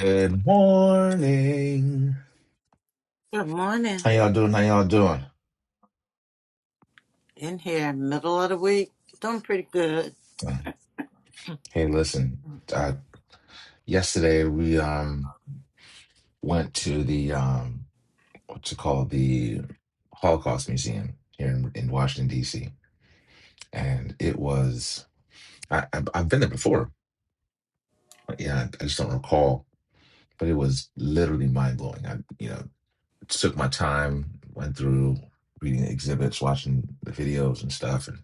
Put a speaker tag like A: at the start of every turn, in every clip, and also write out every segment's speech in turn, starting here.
A: Good morning.
B: Good morning.
A: How y'all doing? How y'all doing?
B: In here, middle of the week. Doing pretty good.
A: Hey, listen. Uh, yesterday we um went to the um what's it called the Holocaust Museum here in, in Washington D.C. and it was I, I I've been there before. but Yeah, I just don't recall, but it was literally mind blowing. I you know took my time, went through reading the exhibits, watching the videos and stuff, and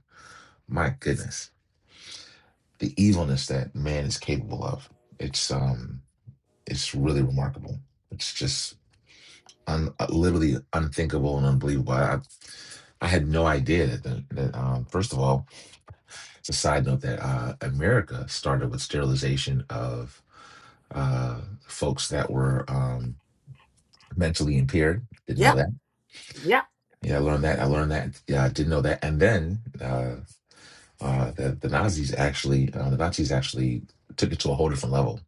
A: my goodness the evilness that man is capable of. It's um, it's really remarkable. It's just un- literally unthinkable and unbelievable. I, I had no idea that, the, that um, first of all, it's a side note that uh, America started with sterilization of uh, folks that were um, mentally impaired. Didn't know
B: Yep,
A: that.
B: yep,
A: Yeah, I learned that. I learned that. Yeah, I didn't know that. And then uh, uh, the, the Nazis actually, uh, the Nazis actually took it to a whole different level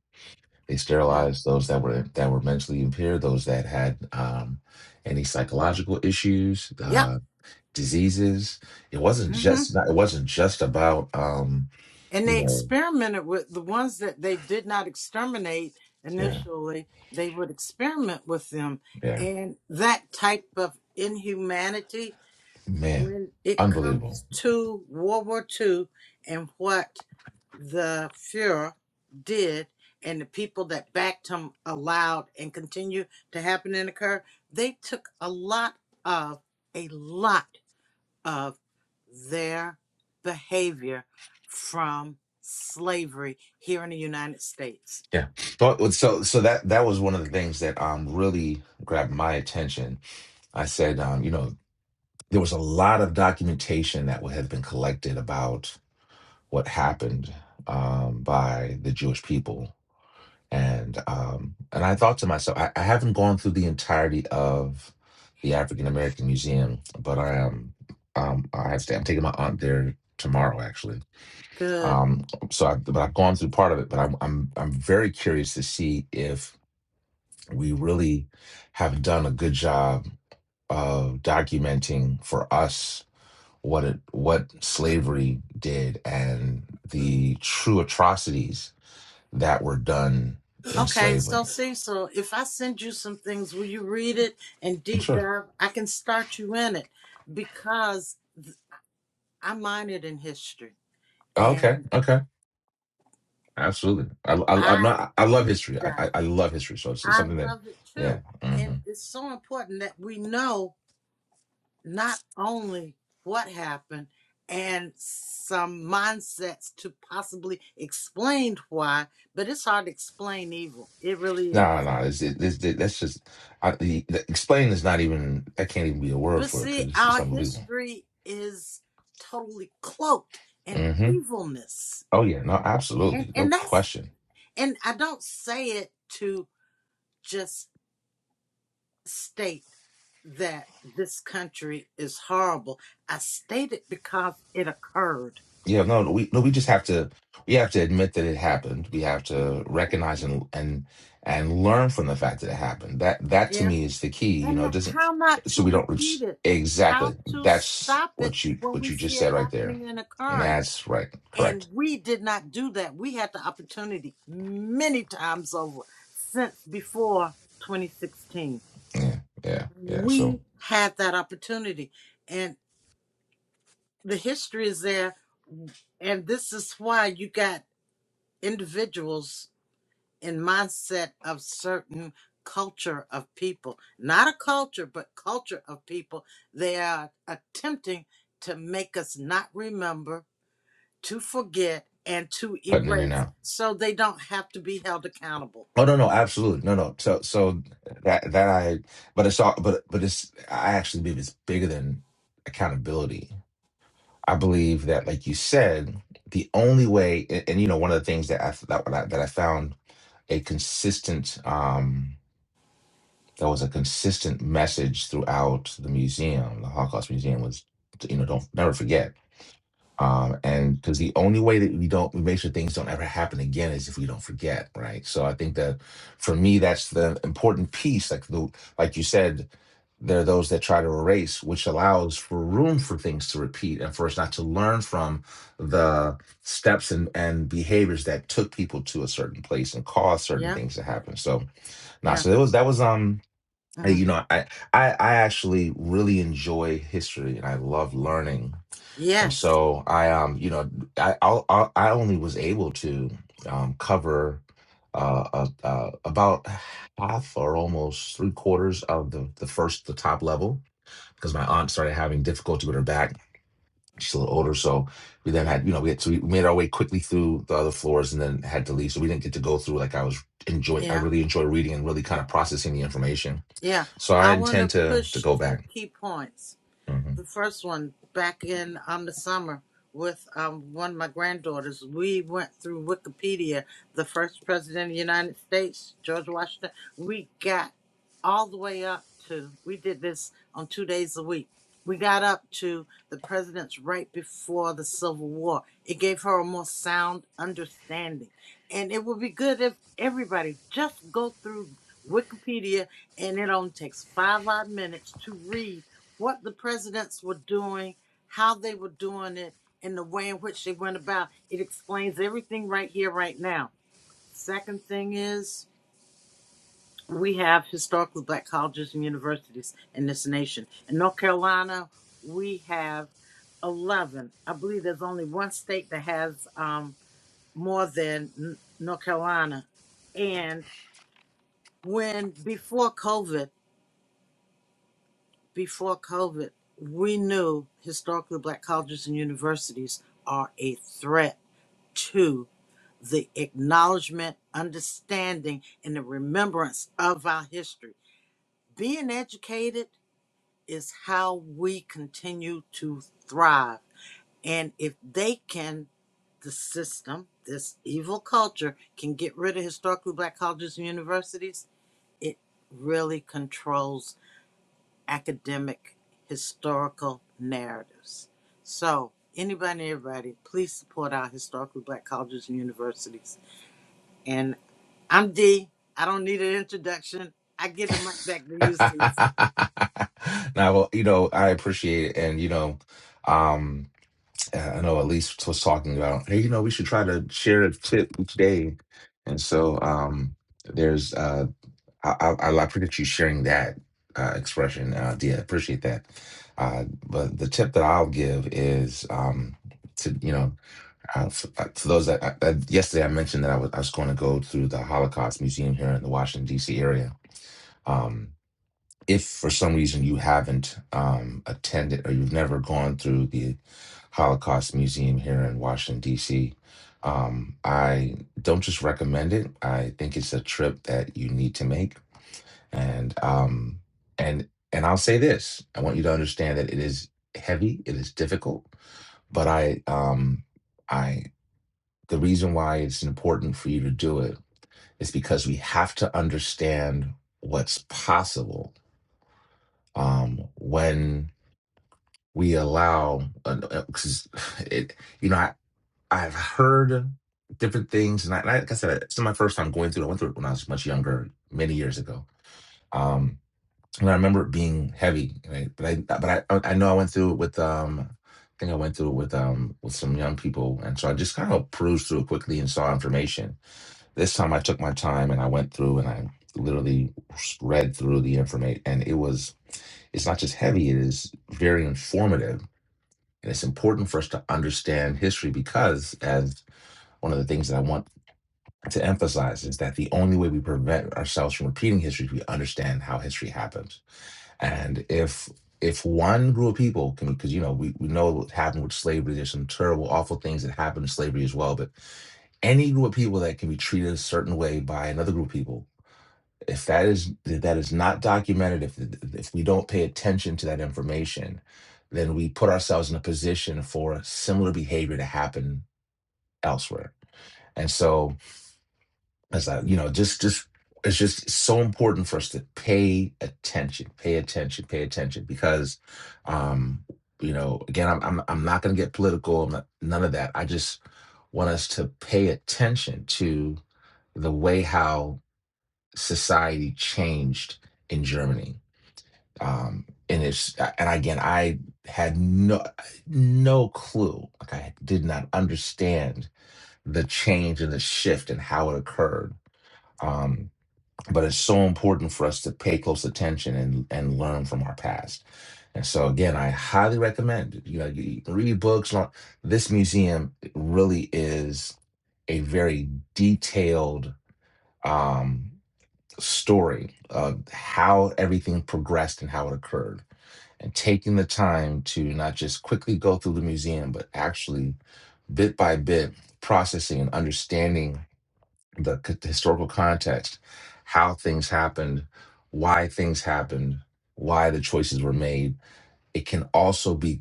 A: They
B: yeah,
A: sterilized those that were that were mentally impaired, those that had um, any psychological issues,
B: yep.
A: uh, diseases. It wasn't
B: hmm
A: just not, it wasn't just about um,
B: And
A: you
B: they
A: know
B: experimented with the ones that they did not exterminate
A: yeah
B: initially, they would experiment with them.
A: yeah
B: And that type of inhumanity
A: man
B: when it
A: unbelievable
B: comes to World War Two and what the Fuhrer did and the people that backed him allowed and continue to happen and occur, they took a lot of, a lot of their behavior from slavery here in the United States.
A: yeah. But so so that that was one of the things that um really grabbed my attention. I said um you know there was a lot of documentation that would have been collected about what happened um by the Jewish people And um, and I thought to myself, I, I haven't gone through the entirety of the African American Museum, but I am um, I have to, I'm taking my aunt there tomorrow actually.
B: Good.
A: Um, so I, but I've gone through part of it, but I'm I'm I'm very curious to see if we really have done a good job of documenting for us what it what slavery did and the true atrocities that were done in
B: Okay,
A: slavery.
B: so Cecil, if I send you some things, will you read it and deep
A: Sure.
B: dive? I can start you in it because I minored in history
A: Okay.
B: and
A: Okay. Absolutely. I, I, I'm
B: I
A: not, I love
B: deep
A: history. I, I, I
B: dive.
A: love history. So it's, it's
B: I
A: something that,
B: love it
A: yeah.
B: too. And
A: hmm
B: it's so important that we know not only what happened and some mindsets to possibly explain why, but it's hard to explain evil. It really is.
A: No, no, no. It's, it, it's, it, that's just, I, the, the, explain is not even, that can't even be a word
B: But
A: for it
B: see,
A: because it's, it's
B: our
A: unbelievable.
B: history is totally cloaked in
A: hmm
B: evilness.
A: Oh, yeah. No,
B: And
A: absolutely. No
B: and that's
A: question.
B: and I don't say it to just state that this country is horrible. I state it because it occurred.
A: Yeah, no, no, we no, we just have to we have to admit that it happened. We have to recognize and and and learn from the fact that it happened. That that to
B: Yeah.
A: me is the key. You
B: And
A: know, it doesn't
B: how not
A: so
B: to
A: we don't
B: repeat
A: it's-
B: it,
A: exactly.
B: how to
A: That's
B: stop it
A: what you
B: when
A: what
B: we
A: you just
B: see it
A: said right there.
B: happening and occurring.
A: That's right.
B: And
A: Correct.
B: we did not do that. We had the opportunity many times over since before 2016.
A: Yeah, yeah, yeah. So
B: We had that opportunity. And the history is there. And this is why you got individuals in mindset of certain culture of people, not a culture, but culture of people. They are attempting to make us not remember to forget and to
A: cutting in and
B: erase
A: out.
B: so they don't have to be held accountable.
A: Oh no, no, absolutely. No, no. So so that that I but it's all but but it's I actually believe it's bigger than accountability I believe that, like you said, the only way, and, and, you know, one of the things that I that, I that I found a consistent um, that was a consistent message throughout the museum, the Holocaust Museum, was you know don't never forget um, and because the only way that we don't we make sure things don't ever happen again is if we don't forget, right? So I think that for me, that's the important piece. Like the like you said, there are those that try to erase, which allows for room for things to repeat and for us not to learn from the steps and, and behaviors that took people to a certain place and caused certain
B: Yeah,
A: things to happen. So nah,
B: yeah.
A: so that was that was um uh,
B: mhm.
A: you know, I, I I actually really enjoy history and I love learning and
B: Yes,
A: so I, um, you know, I I, I I only was able to um, cover uh, uh, uh, about half or almost three quarters of the the first the top level because my aunt started having difficulty with her back. She's a little older, so we then
B: yeah,
A: had you know we had so we made our way quickly through the other floors and then had to leave. So we didn't get to go through like I was enjoying. I
B: yeah,
A: really enjoy reading and really kind of processing the information.
B: yeah.
A: So I
B: I want to
A: intend to to
B: push
A: go
B: two
A: back.
B: key points.
A: Mm-hmm.
B: the first one back in um the summer with um one of my granddaughters. We went through Wikipedia, the first president of the United States, George Washington. We got all the way up to we did this on two days a week. We got up to the presidents right before the Civil War. It gave her a more sound understanding. And it would be good if everybody just go through Wikipedia and it only takes five odd minutes to read what the presidents were doing, how they were doing it, and the way in which they went about. It explains everything right here, right now. Second thing is, we have historically black colleges and universities in this nation. In North Carolina, we have 11. I believe there's only one state that has um, more than N- North Carolina. And when before COVID, before COVID, we knew historically black colleges and universities are a threat to the acknowledgement, understanding, and the remembrance of our history. Being educated is how we continue to thrive. And if they can, the system, this evil culture, can get rid of historically black colleges and universities, it really controls academic historical narratives. So, anybody, and everybody, please support our historically black colleges and universities. And I'm D. I am Dee. I do not need an introduction. I give the mic back to you, Cecil.
A: now, well, you know, I appreciate it, and you know, um, I know Elise was talking about, hey, you know, we should try to share a tip each day, and so um, there's, uh, I, I, I appreciate you sharing that uh, expression, uh, Dia. Appreciate that. Uh, but the tip that I'll give is um, to you know. Uh, f- uh, for those that, I, that yesterday I mentioned that I was, I was going to go through the Holocaust Museum here in the Washington D.C. area, Um, if for some reason you haven't um, attended or you've never gone through the Holocaust Museum here in Washington, D.C., um, I don't just recommend it. I think it's a trip that you need to make. And um, and and I'll say this: I want you to understand that it is heavy, it is difficult, but I um, I the reason why it's important for you to do it is because we have to understand what's possible um, when we allow because it you know I, i've heard different things and I, and I like i said it's not my first time going through it i went through it when i was much younger many years ago um and i remember it being heavy right? but i but i i know i went through it with um i think i went through it with um with some young people and so i just kind of perused through it quickly and saw information this time i took my time and i went through and i literally read through the information and it was it's not just heavy it is very informative and it's important for us to understand history because, as one of the things that I want to emphasize, is that the only way we prevent ourselves from repeating history is we understand how history happens. And if if one group of people can, because you know, we, we know what happened with slavery, there's some terrible, awful things that happened in slavery as well. But any group of people that can be treated a certain way by another group of people if that is if that is not documented, if if we don't pay attention to that information, then we put ourselves in a position for similar behavior to happen elsewhere. And so, as I, you know, just just it's just so important for us to pay attention, pay attention, pay attention, because, um, you know, again, I'm I'm I'm not going to get political, I'm not, none of that. I just want us to pay attention to the way how society changed in Germany um and it's and again i had no no clue like i did not understand the change and the shift and how it occurred um but it's so important for us to pay close attention and and learn from our past and so again i highly recommend you know you can read books learn- this museum really is a very detailed Um, story of how everything progressed and how it occurred and taking the time to not just quickly go through the museum, but actually bit by bit processing and understanding the c- historical context, how things happened, why things happened, why the choices were made. It can also be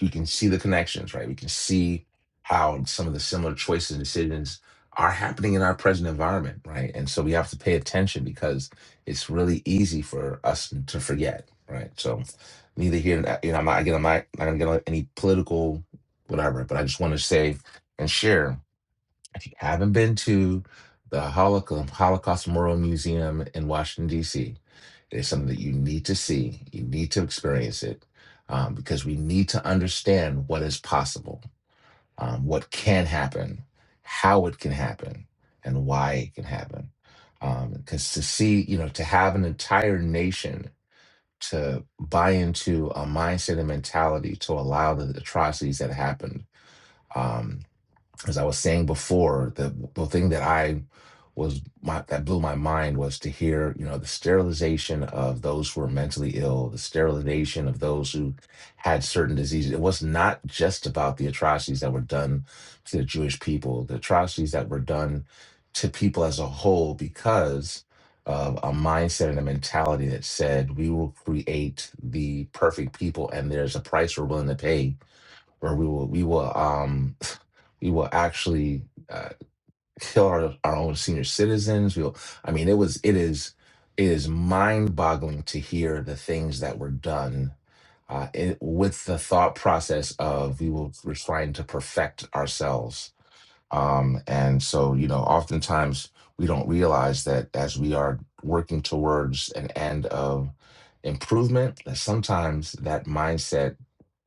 A: we can see the connections, right? We can see how some of the similar choices and decisions are happening in our present environment, right? And so we have to pay attention because it's really easy for us to forget, right? So neither here, nor- you know, I'm not, again, I'm not, not gonna get on any political whatever, but I just want to say and share if you haven't been to the Holocaust, Holocaust Memorial Museum in Washington, D.C., it is something that you need to see. You need to experience it um, because we need to understand what is possible, um, what can happen, how it can happen, and why it can happen. Because to see, you know, to have an entire nation to buy into a mindset and mentality to allow the atrocities that happened um, as I was saying before, the the thing that I was my, that blew my mind was to hear, you know, the sterilization of those who were mentally ill, the sterilization of those who had certain diseases. It was not just about the atrocities that were done to the Jewish people, the atrocities that were done to people as a whole because of a mindset and a mentality that said we will create the perfect people and there's a price we're willing to pay where we will we will um we will actually uh, kill our, our own senior citizens we'll i mean it was it is it is mind boggling to hear the things that were done uh, it, with the thought process of we will we're trying to perfect ourselves um and so you know oftentimes we don't realize that as we are working towards an end of improvement that sometimes that mindset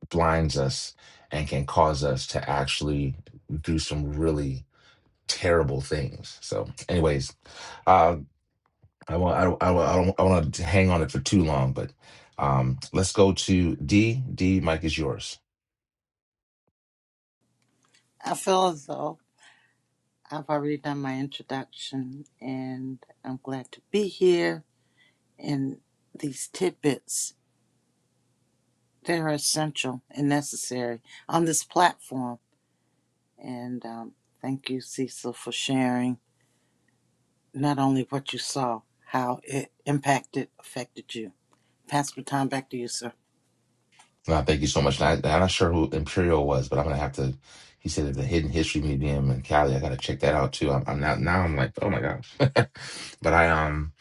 A: blinds us and can cause us to actually do some really terrible things. So, anyways, uh, I want I don't I, don't. I don't I want to hang on it for too long, but um, let's go to D. D. Mike is yours.
B: I feel as though I've already done my introduction, and I'm glad to be here. And these tidbits, they're essential and necessary on this platform. And um, thank you, Cecil, for sharing not only what you saw, how it impacted, affected you. Pass the time back to you, sir.
A: No, thank you so much. And I, I'm not sure who Imperial was, but I'm gonna have to. He said at the Hidden History Museum in Cali. I gotta check that out too. I'm, I'm now now I'm like, oh my gosh. but I um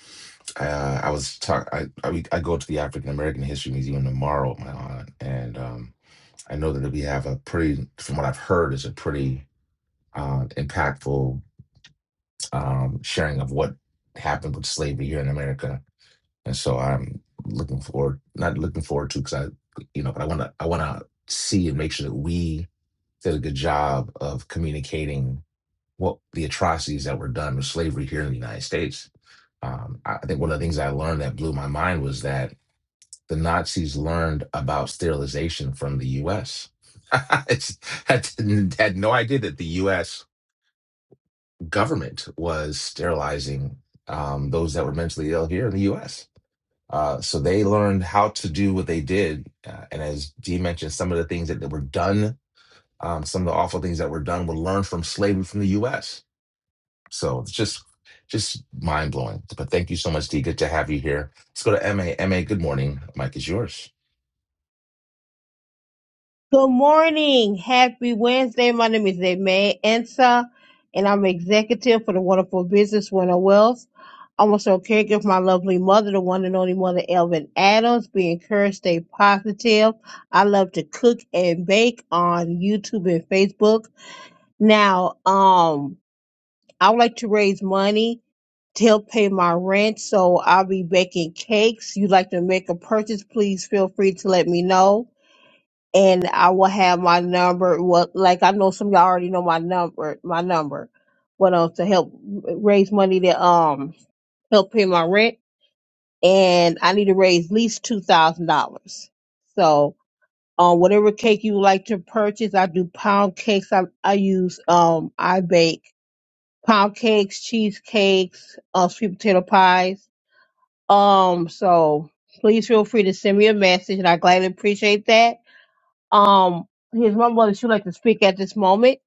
A: I, uh, I was talk. I, I we- I go to the African American History Museum tomorrow with my aunt, and um I know that we have a pretty, from what I've heard, is a pretty uh, impactful um sharing of what happened with slavery here in America and so I'm looking forward, not looking forward to, because I, you know, but I want to, I want to see and make sure that we did a good job of communicating what the atrocities that were done with slavery here in the United States. Um, I I think one of the things I learned that blew my mind was that the Nazis learned about sterilization from the U.S. it's, didn't- had no idea that the U.S. government was sterilizing um, those that were mentally ill here in the U.S uh, so they learned how to do what they did. Uh, and as Dee mentioned, some of the things that, that were done, um, some of the awful things that were done were learned from slavery from the US. So it's just just mind blowing. But thank you so much, Dee. Good to have you here. Let's go to M A M A. good morning. Mike is yours.
C: Good morning. Happy Wednesday. My name is May Ensa, and I'm executive for the Wonderful Business Winter Wealth. I'm also a caregiver for my lovely mother, the one and only mother, Elvin Adams. Be encouraged, stay positive. I love to cook and bake on YouTube and Facebook. Now, um, I would like to raise money to help pay my rent, so I'll be baking cakes. You'd like to make a purchase, please feel free to let me know and I will have my number. Well, like I know some of y'all already know my number, my number, but um, to help raise money to um help pay my rent, and I need to raise at least two thousand dollars. So, um, whatever cake you like to purchase, I do pound cakes. I I use um I bake pound cakes, cheesecakes, uh, sweet potato pies. Um, so please feel free to send me a message, and I gladly appreciate that um, his mom would you like to speak at this moment?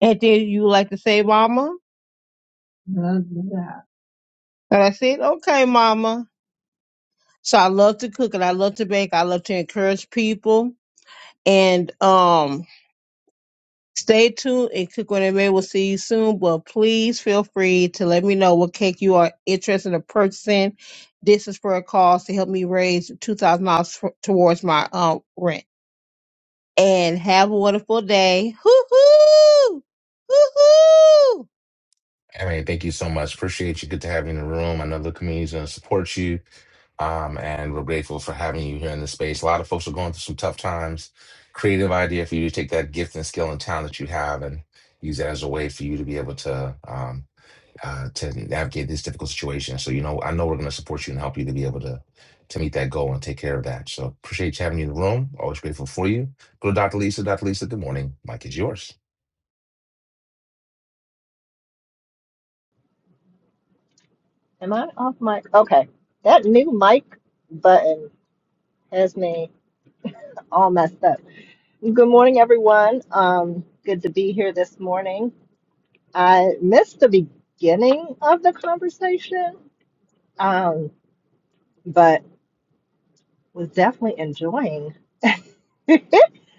C: Anything you would like to say, Mama? And I said, okay, Mama. So I love to cook and I love to bake. I love to encourage people. And um, stay tuned and Cook When It May. We'll see you soon. But please feel free to let me know what cake you are interested in purchasing. This is for a cause to help me raise $2,000 towards my um, rent. and have a wonderful day. Hoo hoo! Hoo hoo!
A: MA, thank you so much. Appreciate you. Good to have you in the room. I know the community's gonna support you. Um, and we're grateful for having you here in the space. A lot of folks are going through some tough times. Creative idea for you to take that gift and skill and talent that you have and use that as a way for you to be able to um, uh, to navigate this difficult situation. So, you know, I know we're going to support you and help you to be able to to meet that goal and take care of that. So, appreciate you having you in the room. Always grateful for you. Go to Dr. Lisa. Dr. Lisa, good morning. Mike is yours.
D: Am I off mic? Okay. That new mic button has me all messed up. Good morning, everyone. Um, good to be here this morning. I missed the beginning of the conversation, um, but was definitely enjoying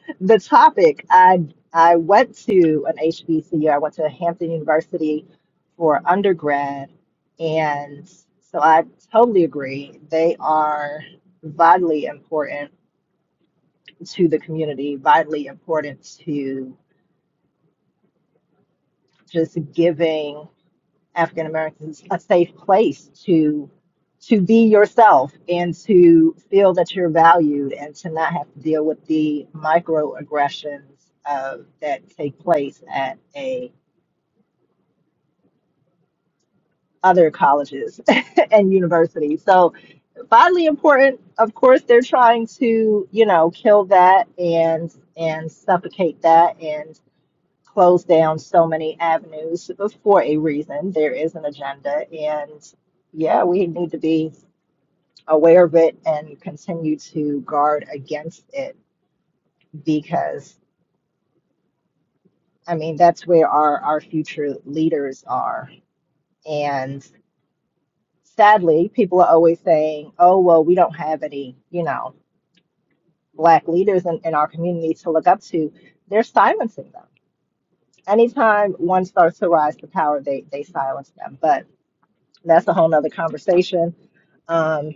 D: the topic. I I went to an HBCU. I went to Hampton University for undergrad, and so I totally agree. They are vitally important to the community, vitally important to just giving African Americans a safe place to to be yourself and to feel that you're valued and to not have to deal with the microaggressions uh, that take place at a other colleges and universities. So vitally important. Of course, they're trying to you know kill that and and suffocate that and. closed down so many avenues for a reason. There is an agenda, and yeah, we need to be aware of it and continue to guard against it because, I mean, that's where our, our future leaders are. And sadly, people are always saying, oh, well, we don't have any, you know, black leaders in, in our community to look up to. They're silencing them. Anytime one starts to rise to power, they, they silence them. But that's a whole nother conversation Um,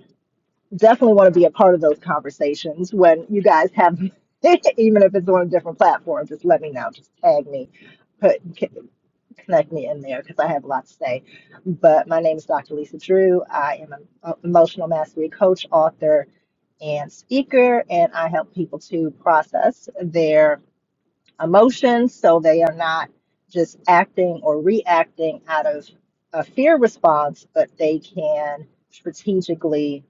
D: definitely want to be a part of those conversations when you guys have, even if it's on a different platform, just let me know. Just tag me, put c- connect me in there because I have a lot to say. But my name is Dr. Lisa Drew. I am an uh, emotional mastery coach, author, and speaker, and I help people to process their emotions so they are not just acting or reacting out of a fear response, but they can strategically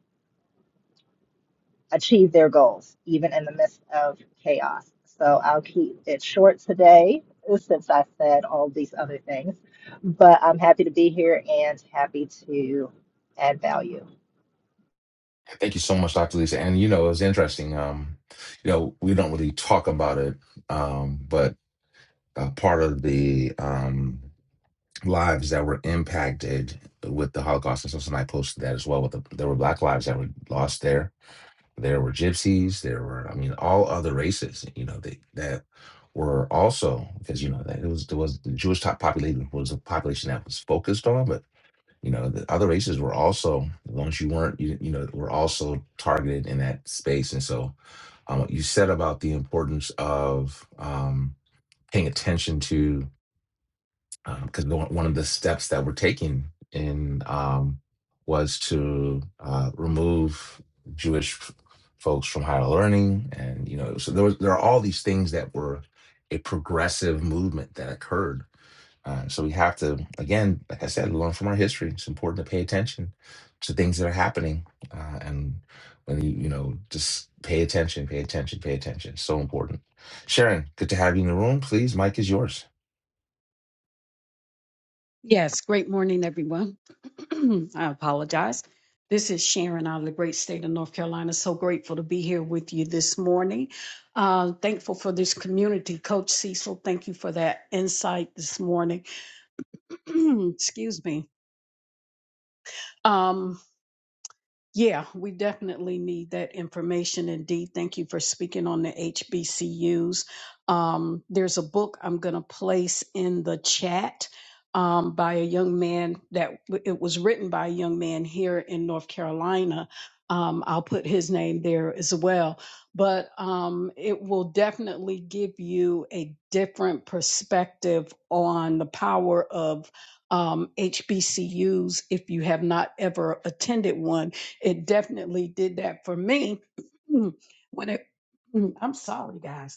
D: achieve their goals, even in the midst of chaos. So I'll keep it short today since I said all these other things, but I'm happy to be here and happy to add value.
A: Thank you so much, Dr. Lisa. And you know, it was interesting. Um, you know, we don't really talk about it, um, but a part of the um, lives that were impacted with the Holocaust. And so somebody posted that as well. With the, there were black lives that were lost there. There were gypsies. There were, I mean, all other races. You know, they, that were also because you know that it was there was the Jewish top population was a population that was focused on, but you know the other races were also as long as you weren't you, you know were also targeted in that space. And so um, what you said about the importance of um, paying attention to because one of the steps that we're taking in um, was to uh, remove Jewish f- folks from higher learning, and you know, so there was, there are all these things that were a progressive movement that occurred. Uh, so we have to, again, like I said, learn from our history. It's important to pay attention to things that are happening, uh, and when you you know just pay attention, pay attention, pay attention. So important. Sharon, good to have you in the room. Please, Mike is yours.
E: Yes, great morning, everyone. I apologize. This is Sharon out of the great state of North Carolina. So grateful to be here with you this morning. Uh, thankful for this community. Coach Cecil, thank you for that insight this morning. Excuse me. Um, Yeah, we definitely need that information indeed. Thank you for speaking on the HBCUs. Um, there's a book I'm going to place in the chat um, by a young man that it was written by a young man here in North Carolina. Um, I'll put his name there as well. But um, it will definitely give you a different perspective on the power of um, HBCUs if you have not ever attended one it definitely did that for me when it. I'm sorry, guys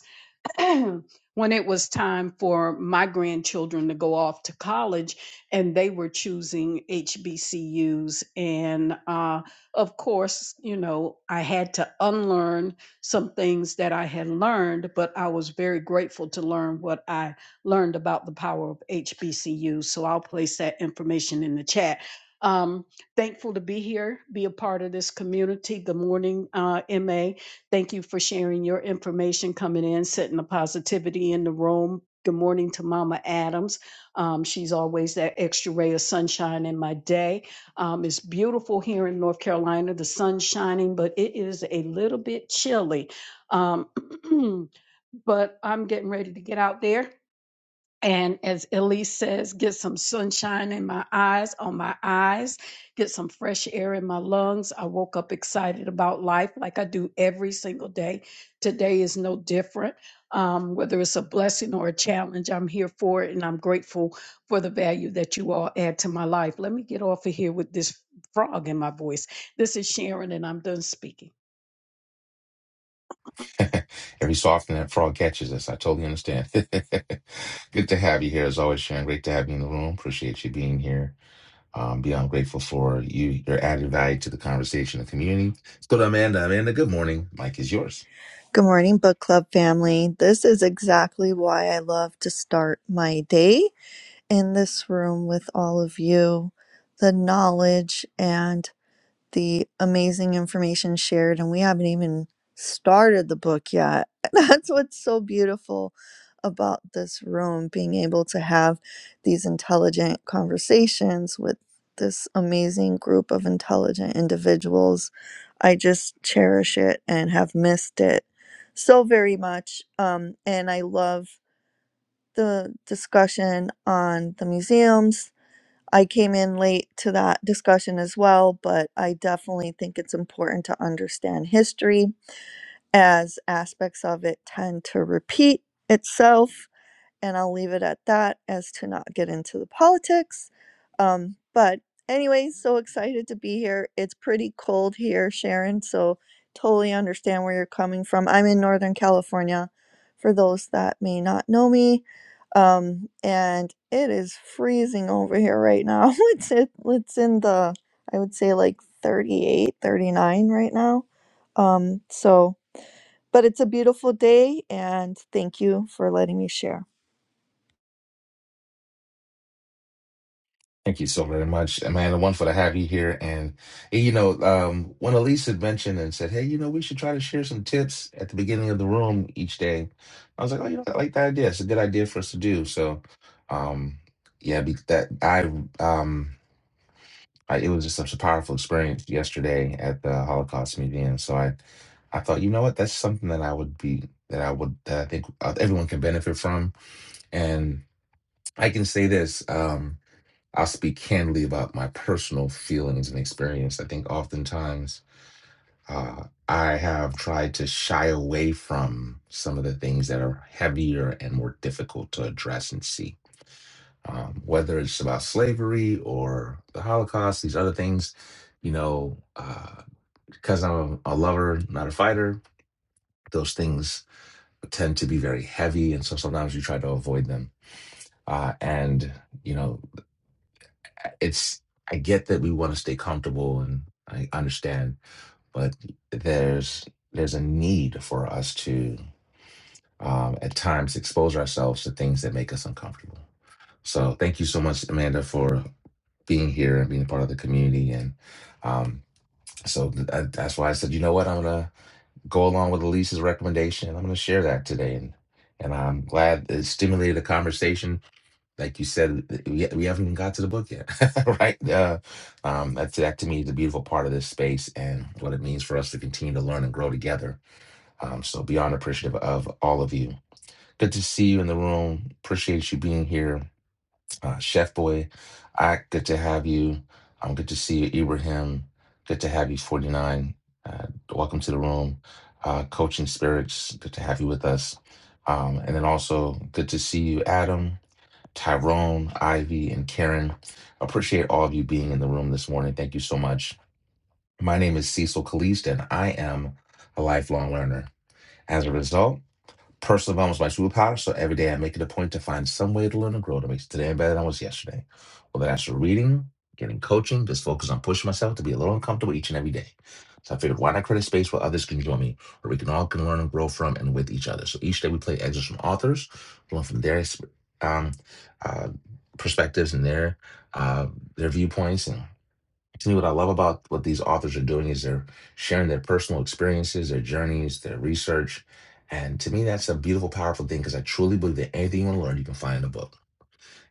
E: when it was time for my grandchildren to go off to college and they were choosing HBCUs. And uh, of course, you know, I had to unlearn some things that I had learned, but I was very grateful to learn what I learned about the power of HBCUs. So I'll place that information in the chat. Um, thankful to be here, be a part of this community. Good morning, uh, MA. Thank you for sharing your information, coming in, setting the positivity in the room. Good morning to Mama Adams. Um, she's always that extra ray of sunshine in my day. Um, it's beautiful here in North Carolina. The sun's shining, but it is a little bit chilly. Um, but I'm getting ready to get out there and as Elise says, get some sunshine in my eyes, on my eyes, get some fresh air in my lungs. I woke up excited about life like I do every single day. Today is no different. Um, whether it's a blessing or a challenge, I'm here for it and I'm grateful for the value that you all add to my life. Let me get off of here with this frog in my voice. This is Sharon and I'm done speaking.
A: Every so often that frog catches us. I totally understand. Good to have you here as always, Sharon. Great to have you in the room. Appreciate you being here. Um, beyond grateful for you, your added value to the conversation and community. Let's go to Amanda. Amanda, good morning. Mike is yours.
F: Good morning, book club family. This is exactly why I love to start my day in this room with all of you. The knowledge and the amazing information shared, and we haven't even started the book yet. That's what's so beautiful about this room being able to have these intelligent conversations with this amazing group of intelligent individuals. I just cherish it and have missed it so very much. Um, and I love the discussion on the museums I came in late to that discussion as well, but I definitely think it's important to understand history as aspects of it tend to repeat itself and I'll leave it at that as to not get into the politics. Um, but anyway, so excited to be here. It's pretty cold here, Sharon, so totally understand where you're coming from. I'm in Northern California for those that may not know me. Um, and it is freezing over here right now. It's it, it's in the I would say like 38, 39 right now. Um, so but it's a beautiful day and thank you for letting me share.
A: Thank you so very much, Amanda. Wonderful to have you here. And eh, you know, um, when Elise had mentioned and said, "Hey, you know, we should try to share some tips at the beginning of the room each day," I was like, "Oh, you know, I like that idea. It's a good idea for us to do." So, um, yeah, be- that I um I, it was just such a powerful experience yesterday at the Holocaust Museum. So I, I thought, you know what, that's something that I would be that I would that I think uh, everyone can benefit from. And I can say this, um, I'll speak candidly about my personal feelings and experience. I think oftentimes uh, I have tried to shy away from some of the things that are heavier and more difficult to address and see um, whether it's about slavery or the Holocaust, these other things, you know, uh, because I'm a, a lover, not a fighter, those things tend to be very heavy. And so sometimes you try to avoid them. Uh, and, you know, it's, I get that we want to stay comfortable and I understand, but there's, there's a need for us to, um, at times expose ourselves to things that make us uncomfortable. So thank you so much, Amanda, for being here and being a part of the community. And um, so th- I, that's why I said, you know what, I'm gonna go along with Elise's recommendation. I'm gonna share that today, and and I'm glad it stimulated a conversation. Like you said, it- we, we haven't even got to the book yet, right? Uh, um, that's that to me is the beautiful part of this space and what it means for us to continue to learn and grow together. Um, so beyond appreciative of all of you. Good to see you in the room. Appreciate you being here uh, Chef Boy. I good to have you. Um, good to see you, Ibrahim. Good to have you, 49. Uh, welcome to the room. Uh, Coaching Spirits, good to have you with us. Um, and then also good to see you, Adam, Tyrone, Ivy, and Karen. Appreciate all of you being in the room this morning. Thank you so much. My name is Cecil Kalist, and I am a lifelong learner. As a result, Personal development is my superpower, so every day I make it a point to find some way to learn and grow to make today better than I was yesterday. Whether that's through reading, getting coaching, just focus on pushing myself to be a little uncomfortable each and every day. So I figured, why not create a space where others can join me, where we can all can learn and grow from and with each other. So each day we play excerpts from authors, learn from their ex- um, uh, perspectives and their uh, their viewpoints, and to me what i love about what these authors are doing is they're sharing their personal experiences their journeys their research and to me that's a beautiful powerful thing because i truly believe that anything you want to learn you can find in a book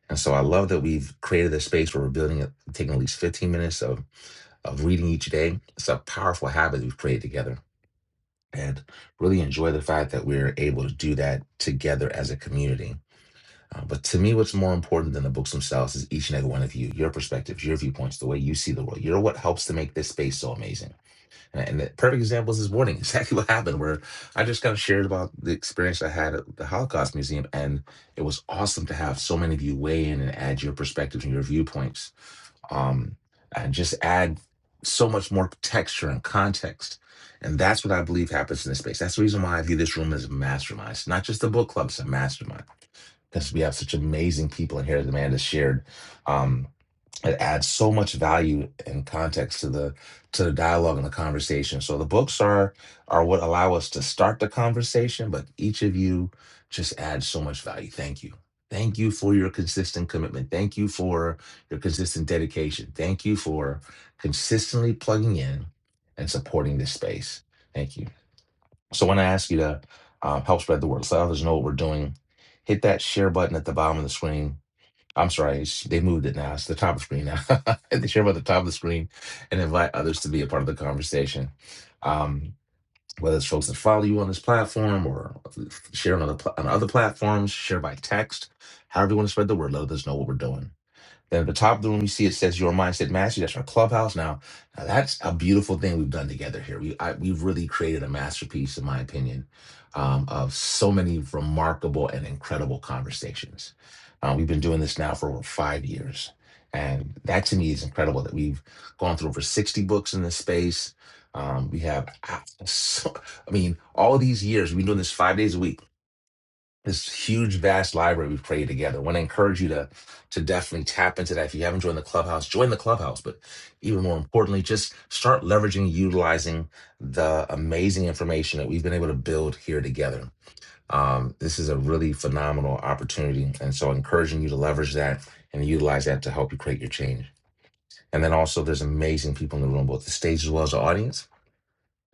A: and so i love that we've created a space where we're building it taking at least 15 minutes of, of reading each day it's a powerful habit we've created together and really enjoy the fact that we're able to do that together as a community Uh, but to me, what's more important than the books themselves is each and every one of you, your perspectives, your viewpoints, the way you see the world. You're what helps to make this space so amazing. And the perfect example is this morning, exactly what happened, where I just kind of shared about the experience I had at the Holocaust Museum. And it was awesome to have so many of you weigh in and add your perspectives and your viewpoints. Um, and just add so much more texture and context. And that's what I believe happens in this space. That's the reason why I view this room as a mastermind. It's not just a book club, it's a mastermind. Because we have such amazing people in here, as Amanda shared. um it adds so much value and context to the to the dialogue and the conversation so the books are are what allow us to start the conversation but each of you just adds so much value thank you thank you for your consistent commitment thank you for your consistent dedication thank you for consistently plugging in and supporting this space thank you so when i ask you to um, help spread the word let others know what we're doing hit that share button at the bottom of the screen I'm sorry, it's- they moved it now. It's the top of the screen now. they share about the top of the screen and invite others to be a part of the conversation. Um, whether it's folks that follow you on this platform or share on other, pla- on other platforms, share by text, however you want to spread the word, let us know what we're doing. Then at the top of the room, you see it says "Your Mindset Mastery." That's our clubhouse now. Now that's a beautiful thing we've done together here. We I, we've really created a masterpiece, in my opinion, um, of so many remarkable and incredible conversations. Uh, we've been doing this now for over five years, and that to me is incredible that we've gone through over sixty books in this space. Um, we have, ah, so, I mean, all these years we've been doing this five days a week this huge vast library we've created together. I want to encourage you to to definitely tap into that. If you haven't joined the clubhouse, join the clubhouse. But even more importantly, just start leveraging, utilizing the amazing information that we've been able to build here together. Um, this is a really phenomenal opportunity, and so encouraging you to leverage that and utilize that to help you create your change. And then also, there's amazing people in the room, both the stage as well as the audience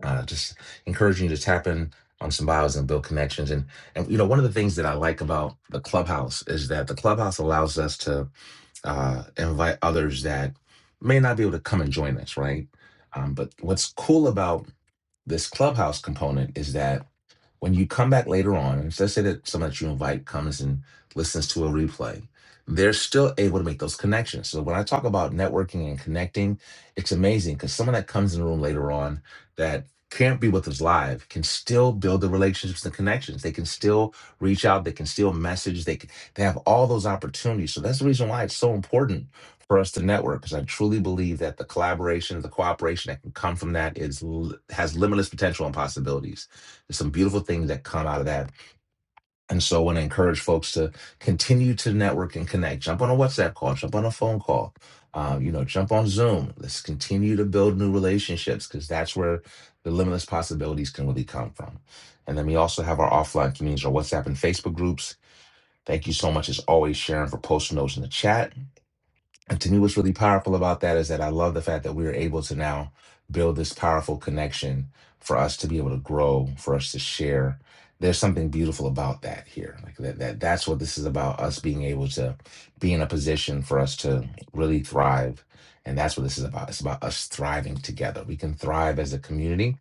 A: uh, just encouraging you to tap in on some bios and build connections. And and you know, one of the things that I like about the clubhouse is that the clubhouse allows us to uh, invite others that may not be able to come and join us, right? Um, but what's cool about this clubhouse component is that when you come back later on, so let's say that someone that you invite comes and listens to a replay, they're still able to make those connections. So when I talk about networking and connecting, it's amazing because someone that comes in the room later on that can't be with us live can still build the relationships and connections. They can still reach out. They can still message. They can, they have all those opportunities. So that's the reason why it's so important for us to network because I truly believe that the collaboration, the cooperation that can come from that is l- has limitless potential and possibilities. There's some beautiful things that come out of that. And so I want to encourage folks to continue to network and connect. Jump on a WhatsApp call, jump on a phone call, um, you know, jump on Zoom. Let's continue to build new relationships because that's where the limitless possibilities can really come from. And then we also have our offline communities, our WhatsApp and Facebook groups. Thank you so much, as always, Sharon, for posting those in the chat. And to me, what's really powerful about that is that I love the fact that we are able to now build this powerful connection for us to be able to grow, for us to share. There's something beautiful about that here. Like that, that that's what this is about, us being able to be in a position for us to really thrive. And that's what this is about. It's about us thriving together. We can thrive as a community.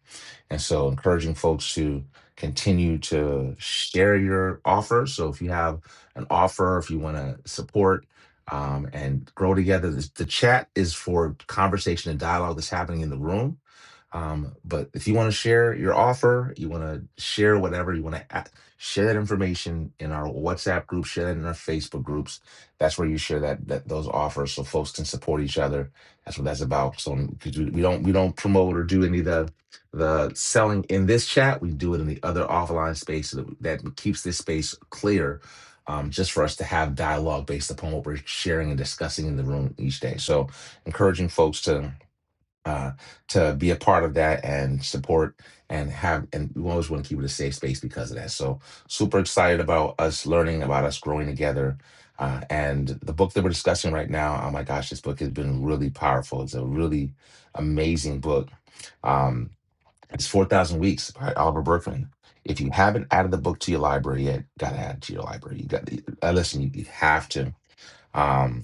A: And so encouraging folks to continue to share your offers. So if you have an offer, if you want to support um, and grow together. The, the chat is for conversation and dialogue that's happening in the room. Um, but if you want to share your offer, you want to share whatever, you want to share that information in our WhatsApp group, share that in our Facebook groups. That's where you share that, that those offers so folks can support each other. That's what that's about. So because we, we don't we don't promote or do any of the the selling in this chat, we do it in the other offline space so that, that keeps this space clear um, just for us to have dialogue based upon what we're sharing and discussing in the room each day. So, encouraging folks to uh, to be a part of that and support and have and we always want to keep it a safe space because of that. So, super excited about us learning about us growing together. Uh, and the book that we're discussing right now, oh my gosh, this book has been really powerful. It's a really amazing book. Um, it's 4,000 Weeks by Oliver Berkman. If you haven't added the book to your library yet, got to add it to your library. You got to, uh, listen, you, you have to. Um,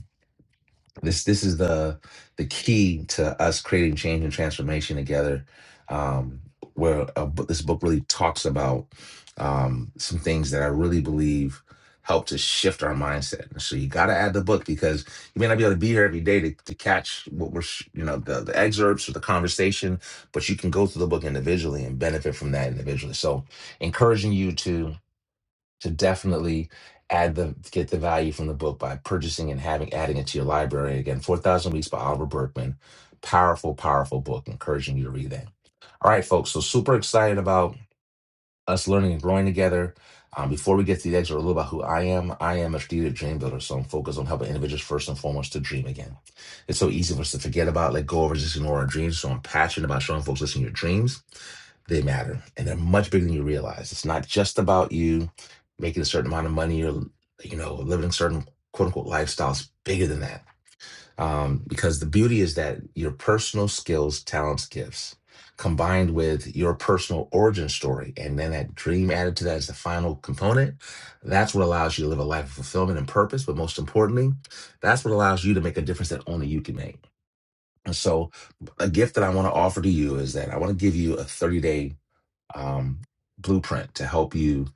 A: this this is the the key to us creating change and transformation together um where a, bu- this book really talks about um some things that i really believe help to shift our mindset so you got to add the book because you may not be able to be here every day to, to catch what we're sh- you know the, the excerpts or the conversation but you can go through the book individually and benefit from that individually so encouraging you to to definitely add the get the value from the book by purchasing and having adding it to your library. Again, Four Thousand Weeks by Oliver Berkman, powerful, powerful book. Encouraging you to read that. All right, folks. So super excited about us learning and growing together. Um, before we get to the exit, a little about who I am. I am a strategic dream builder, so I'm focused on helping individuals first and foremost to dream again. It's so easy for us to forget about, let go of, or just ignore our dreams. So I'm passionate about showing folks, listen, your dreams. They matter, and they're much bigger than you realize. It's not just about you making a certain amount of money or you know living certain quote unquote lifestyles. Bigger than that, um, because the beauty is that your personal skills, talents, gifts, combined with your personal origin story, and then that dream added to that as the final component, that's what allows you to live a life of fulfillment and purpose. But most importantly, that's what allows you to make a difference that only you can make. And so, a gift that I want to offer to you is that I want to give you a 30 day um, blueprint to help you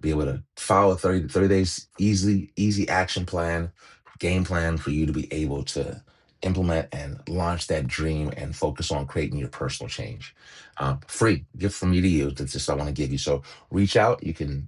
A: be able to follow a 30 30 days easily easy action plan game plan for you to be able to implement and launch that dream and focus on creating your personal change uh, free gift from me to you that's just i want to give you so reach out you can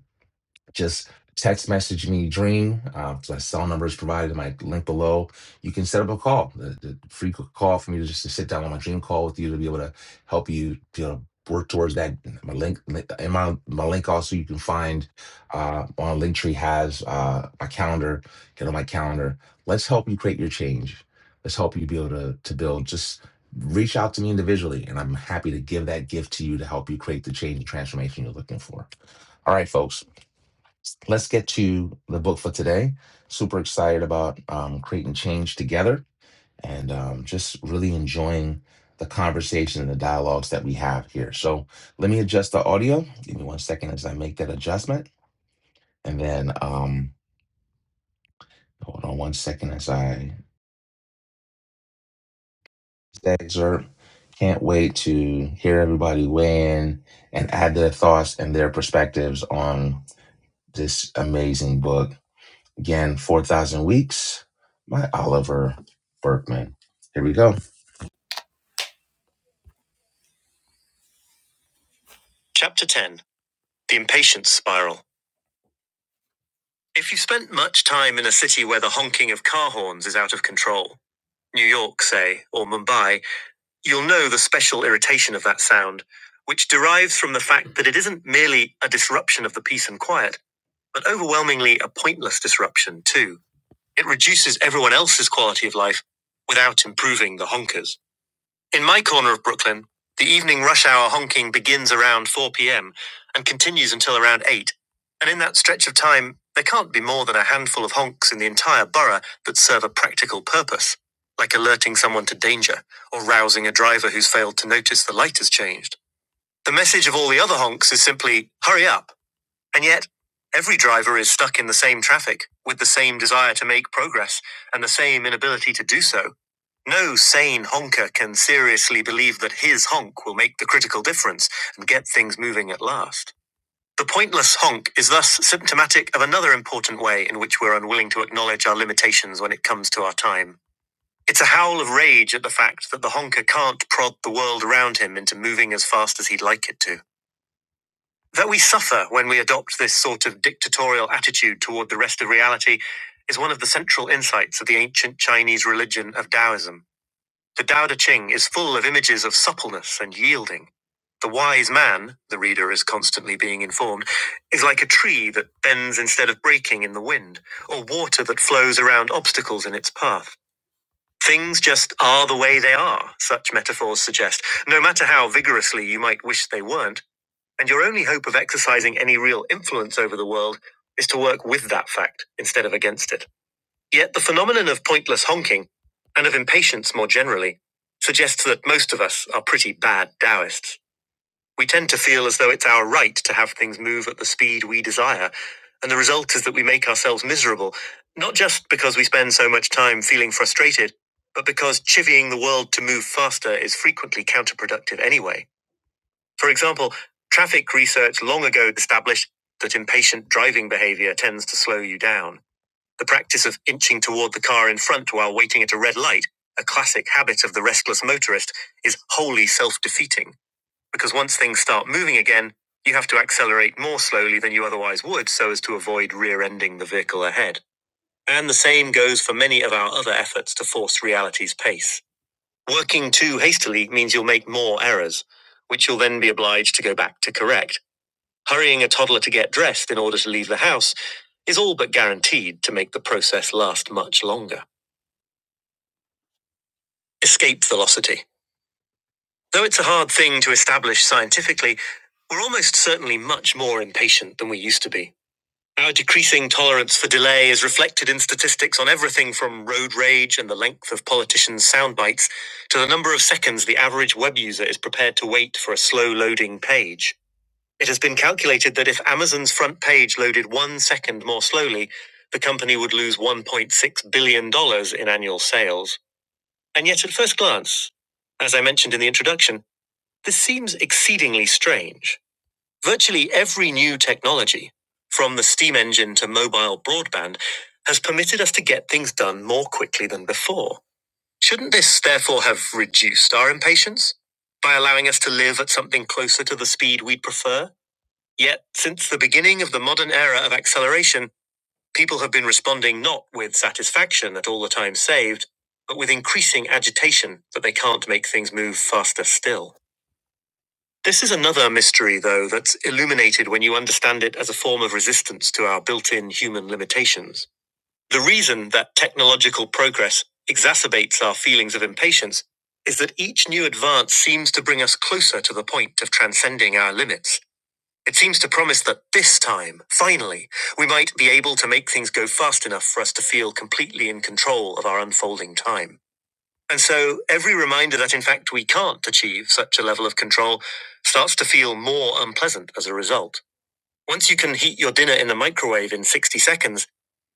A: just text message me dream uh, my cell number is provided in my link below you can set up a call the, the free call for me to just to sit down on my dream call with you to be able to help you you know work towards that my link link- in my my link also you can find uh on linktree has uh my calendar get on my calendar let's help you create your change let's help you be able to to build just reach out to me individually and i'm happy to give that gift to you to help you create the change and transformation you're looking for all right folks let's get to the book for today. Super excited about um, creating change together and um, just really enjoying the conversation and the dialogues that we have here. So let me adjust the audio. Give me one second as I make that adjustment. And then um, hold on one second as I that excerpt. Can't wait to hear everybody weigh in and add their thoughts and their perspectives on this amazing book Again, 4,000 Weeks by Oliver Berkman. Here we go. Chapter 10 The Impatience Spiral. If you have spent much time in a city where the honking of car horns is out of control, New York, say, or Mumbai, you'll know the special irritation of that sound, which derives from the fact that it isn't merely a disruption of the peace and quiet, but overwhelmingly a pointless disruption, too. It reduces everyone else's quality of life without improving the honkers. In my corner of Brooklyn, the evening rush hour honking begins around 4 p.m. and continues until around 8. And in that stretch of time, there can't be more than a handful of honks in the entire borough that serve a practical purpose, like alerting someone to danger or rousing a driver who's failed to notice the light has changed. The message of all the other honks is simply, hurry up. And yet, every driver is stuck in the same traffic, with the same desire to make progress and the same inability to do so. No sane honker can seriously believe that his honk will make the critical difference and get things moving at last. The pointless honk is thus symptomatic of another important way in which we're unwilling to acknowledge our limitations when it comes to our time. It's a howl of rage at the fact that the honker can't prod the world around him into moving as fast as he'd like it to. That we suffer when we adopt this sort of dictatorial attitude toward the rest of reality is one of the central insights of the ancient Chinese religion of Taoism. The Tao Te Ching is full of images of suppleness and yielding. The wise man, the reader is constantly being informed, is like a tree that bends instead of breaking in the wind, or water that flows around obstacles in its path. Things just are the way they are, such metaphors suggest, no matter how vigorously you might wish they weren't, and your only hope of exercising any real influence over the world is to work with that fact instead of against it. Yet the phenomenon of pointless honking, and of impatience more generally, suggests that most of us are pretty bad Taoists. We tend to feel as though it's our right to have things move at the speed we desire, and the result is that we make ourselves miserable, not just because we spend so much time feeling frustrated, but because chivying the world to move faster is frequently counterproductive anyway. For example, traffic research long ago established that impatient driving behavior tends to slow you down. The practice of inching toward the car in front while waiting at a red light, a classic habit of the restless motorist, is wholly self defeating because once things start moving again, you have to accelerate more slowly than you otherwise would so as to avoid rear ending the vehicle ahead. And the same goes for many of our other efforts to force reality's pace. Working too hastily means you'll make more errors, which you'll then be obliged to go back to correct Hurrying a toddler to get dressed in order to leave the house is all but guaranteed to make the process last much longer. Escape velocity. Though it's a hard thing to establish scientifically, we're almost certainly much more impatient than we used to be. Our decreasing tolerance for delay is reflected in statistics on everything from road rage and the length of politicians' sound bites to the number of seconds the average web user is prepared to wait for a slow loading page. It has been calculated that if Amazon's front page loaded one second more slowly, the company would lose $1.6 billion dollars in annual sales. And yet, at first glance, as I mentioned in the introduction, this seems exceedingly strange. Virtually every new technology, from the steam engine to mobile broadband, has permitted us to get things done more quickly than before. Shouldn't this therefore have reduced our impatience by allowing us to live at something closer to the speed we'd prefer? Yet, since the beginning of the modern era of acceleration, people have been responding not with satisfaction at all the time saved, but with increasing agitation that they can't make things move faster still. This is another mystery, though, that's illuminated when you understand it as a form of resistance to our built in human limitations. The reason that technological progress exacerbates our feelings of impatience is that each new advance seems to bring us closer to the point of transcending our limits. It seems to promise that this time, finally, we might be able to make things go fast enough for us to feel completely in control of our unfolding time. And so, every reminder that in fact we can't achieve such a level of control starts to feel more unpleasant as a result. Once you can heat your dinner in the microwave in 60 seconds,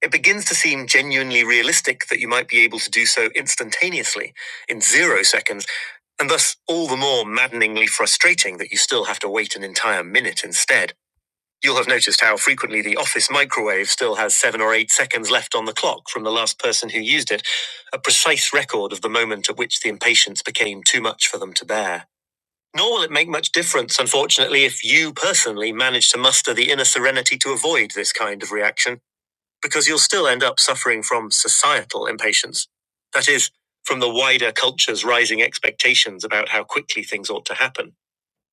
A: it begins to seem genuinely realistic that you might be able to do so instantaneously, in zero seconds, and thus all the more maddeningly frustrating that you still have to wait an entire minute instead. You'll have noticed how frequently the office microwave still has seven or eight seconds left on the clock from the last person who used it, a precise record of the moment at which the impatience became too much for them to bear. Nor will it make much difference, unfortunately, if you personally manage to muster the inner serenity to avoid this kind of reaction, because you'll still end up suffering from societal impatience. That is, from the wider culture's rising expectations about how quickly things ought to happen.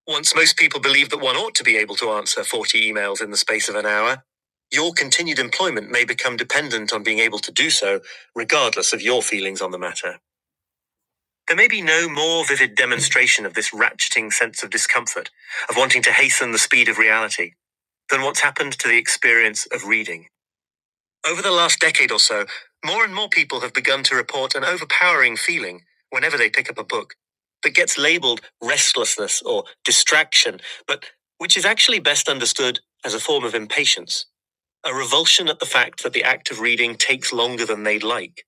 A: Once most people believe that one ought to be able to answer 40 emails in the space of an hour, your continued employment may become dependent on being able to do so, regardless of your feelings on the matter. There may be no more vivid demonstration of this ratcheting sense of discomfort, of wanting to hasten the speed of reality, than what's happened to the experience of reading. Over the last decade or so, more and more people have begun to report an overpowering feeling whenever they pick up a book that gets labeled restlessness or distraction, but which is actually best understood as a form of impatience, a revulsion at the fact that the act of reading takes longer than they'd like.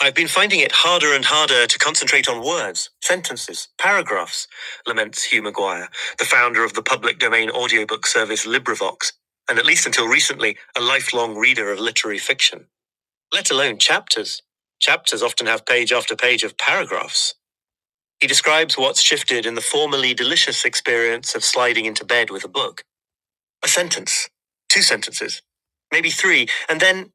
A: I've been finding it harder and harder to concentrate on words, sentences, paragraphs, laments Hugh Maguire, the founder of the public domain audiobook service LibriVox, and at least until recently, a lifelong reader of literary fiction let alone chapters. Chapters often have page after page of paragraphs. He describes what's shifted in the formerly delicious experience of sliding into bed with a book. A sentence, two sentences, maybe three, and then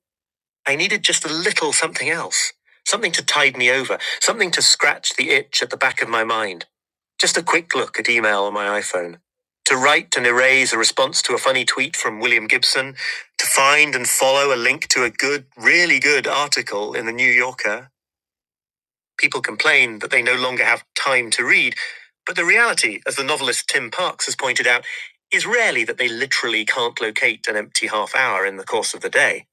A: I needed just a little something else. Something to tide me over, something to scratch the itch at the back of my mind. Just a quick look at email on my iPhone. To write and erase a response to a funny tweet from William Gibson, to find and follow a link to a good, really good article in the New Yorker. People complain that they no longer have time to read, but the reality, as the novelist Tim Parks has pointed out, is rarely that they literally can't locate an empty half hour in the course of the day.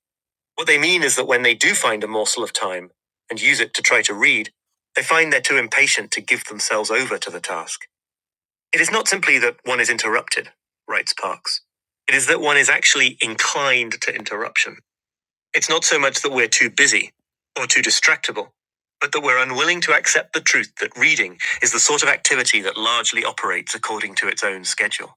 A: What they mean is that when they do find a morsel of time and use it to try to read, they find they're too impatient to give themselves over to the task. It is not simply that one is interrupted, writes Parks. It is that one is actually inclined to interruption. It's not so much that we're too busy or too distractible, but that we're unwilling to accept the truth that reading is the sort of activity that largely operates according to its own schedule.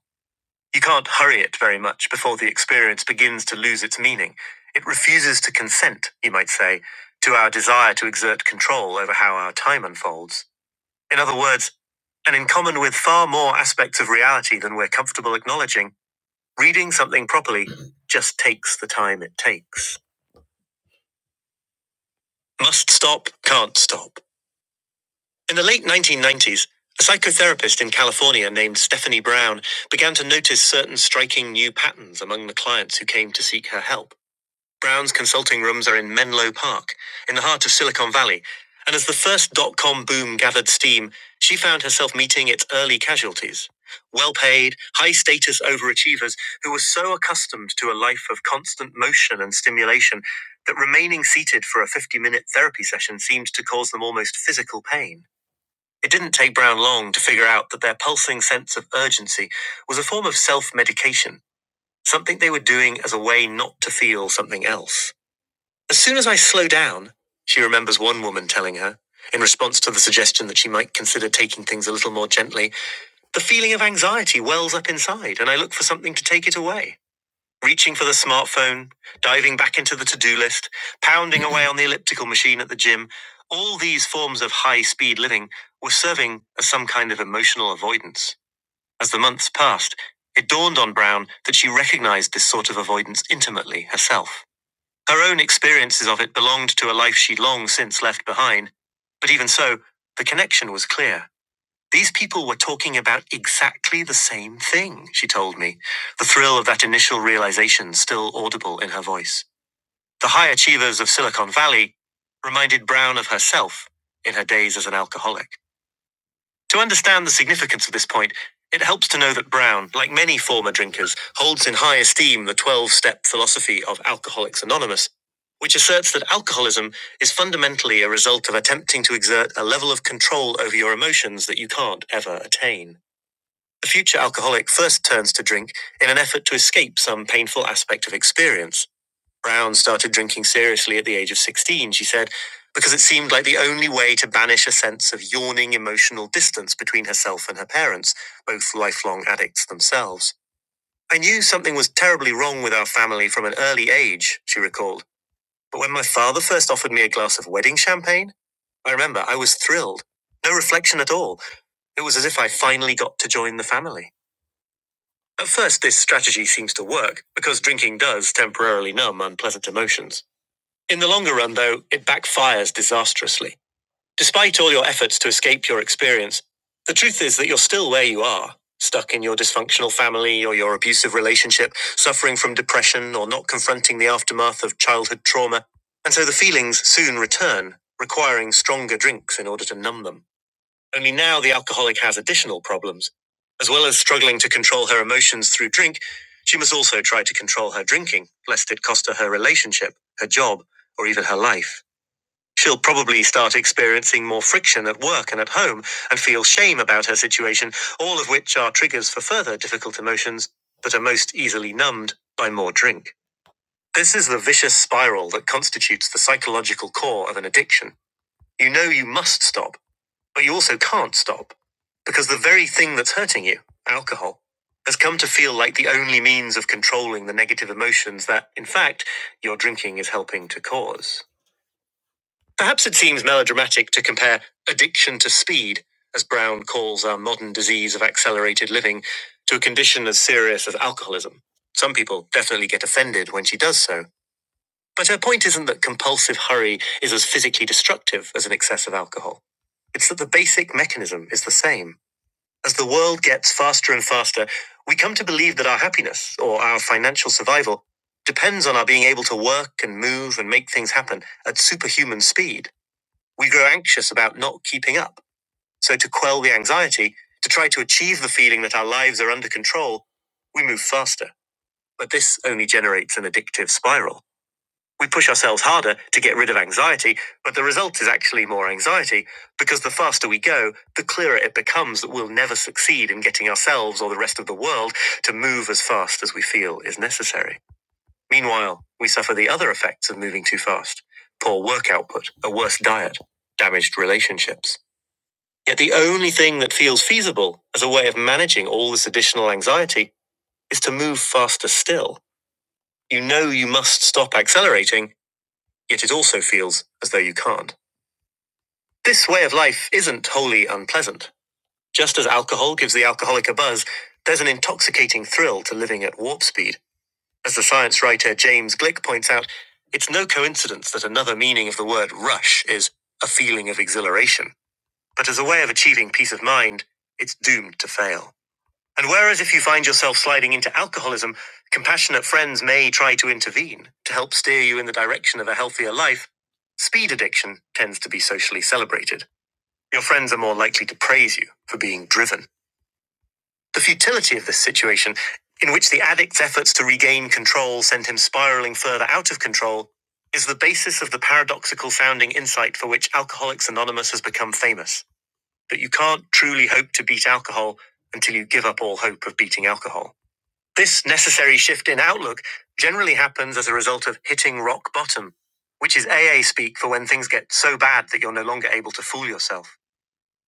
A: You can't hurry it very much before the experience begins to lose its meaning. It refuses to consent, you might say, to our desire to exert control over how our time unfolds. In other words, and in common with far more aspects of reality than we're comfortable acknowledging, reading something properly just takes the time it takes. Must stop, can't stop. In the late 1990s, a psychotherapist in California named Stephanie Brown began to notice certain striking new patterns among the clients who came to seek her help. Brown's consulting rooms are in Menlo Park, in the heart of Silicon Valley, and as the first dot com boom gathered steam, she found herself meeting its early casualties. Well paid, high status overachievers who were so accustomed to a life of constant motion and stimulation that remaining seated for a 50 minute therapy session seemed to cause them almost physical pain. It didn't take Brown long to figure out that their pulsing sense of urgency was a form of self medication, something they were doing as a way not to feel something else. As soon as I slow down, she remembers one woman telling her, in response to the suggestion that she might consider taking things a little more gently, the feeling of anxiety wells up inside and I look for something to take it away. Reaching for the smartphone, diving back into the to do list, pounding away on the elliptical machine at the gym, all these forms of high speed living were serving as some kind of emotional avoidance. As the months passed, it dawned on Brown that she recognized this sort of avoidance intimately herself. Her own experiences of it belonged to a life she'd long since left behind. But even so, the connection was clear. These people were talking about exactly the same thing, she told me, the thrill of that initial realization still audible in her voice. The high achievers of Silicon Valley reminded Brown of herself in her days as an alcoholic. To understand the significance of this point, it helps to know that Brown, like many former drinkers, holds in high esteem the 12 step philosophy of Alcoholics Anonymous, which asserts that alcoholism is fundamentally a result of attempting to exert a level of control over your emotions that you can't ever attain. The future alcoholic first turns to drink in an effort to escape some painful aspect of experience Brown started drinking seriously at the age of 16, she said, because it seemed like the only way to banish a sense of yawning emotional distance between herself and her parents, both lifelong addicts themselves. I knew something was terribly wrong with our family from an early age, she recalled. But when my father first offered me a glass of wedding champagne, I remember I was thrilled. No reflection at all. It was as if I finally got to join the family. At first, this strategy seems to work, because drinking does temporarily numb unpleasant emotions. In the longer run, though, it backfires disastrously. Despite all your efforts to escape your experience, the truth is that you're still where you are, stuck in your dysfunctional family or your abusive relationship, suffering from depression or not confronting the aftermath of childhood trauma. And so the feelings soon return, requiring stronger drinks in order to numb them. Only now the alcoholic has additional problems. As well as struggling to control her emotions through drink, she must also try to control her drinking, lest it cost her her relationship, her job, or even her life. She'll probably start experiencing more friction at work and at home and feel shame about her situation, all of which are triggers for further difficult emotions, but are most easily numbed by more drink. This is the vicious spiral that constitutes the psychological core of an addiction. You know you must stop, but you also can't stop, because the very thing that's hurting you, alcohol, has come to feel like the only means of controlling the negative emotions that, in fact, your drinking is helping to cause. Perhaps it seems melodramatic to compare addiction to speed, as Brown calls our modern disease of accelerated living, to a condition as serious as alcoholism. Some people definitely get offended when she does so, but her point isn't that compulsive hurry is as physically destructive as an excess of alcohol. It's that the basic mechanism is the same. As the world gets faster and faster, we come to believe that our happiness or our financial survival depends on our being able to work and move and make things happen at superhuman speed. We grow anxious about not keeping up. So, to quell the anxiety, to try to achieve the feeling that our lives are under control, we move faster. But this only generates an addictive spiral. We push ourselves harder to get rid of anxiety, but the result is actually more anxiety because the faster we go, the clearer it becomes that we'll never succeed in getting ourselves or the rest of the world to move as fast as we feel is necessary. Meanwhile, we suffer the other effects of moving too fast poor work output, a worse diet, damaged relationships. Yet the only thing that feels feasible as a way of managing all this additional anxiety is to move faster still. You know you must stop accelerating yet it also feels as though you can't. This way of life isn't wholly unpleasant. Just as alcohol gives the alcoholic a buzz, there's an intoxicating thrill to living at warp speed. As the science writer James Glick points out, it's no coincidence that another meaning of the word rush is a feeling of exhilaration. But as a way of achieving peace of mind, it's doomed to fail. And whereas if you find yourself sliding into alcoholism, compassionate friends may try to intervene to help steer you in the direction of a healthier life, speed addiction tends to be socially celebrated. Your friends are more likely to praise you for being driven. The futility of this situation, in which the addict's efforts to regain control send him spiraling further out of control, is the basis of the paradoxical sounding insight for which Alcoholics Anonymous has become famous that you can't truly hope to beat alcohol until you give up all hope of beating alcohol. This necessary shift in outlook generally happens as a result of hitting rock bottom, which is AA speak for when things get so bad that you're no longer able to fool yourself.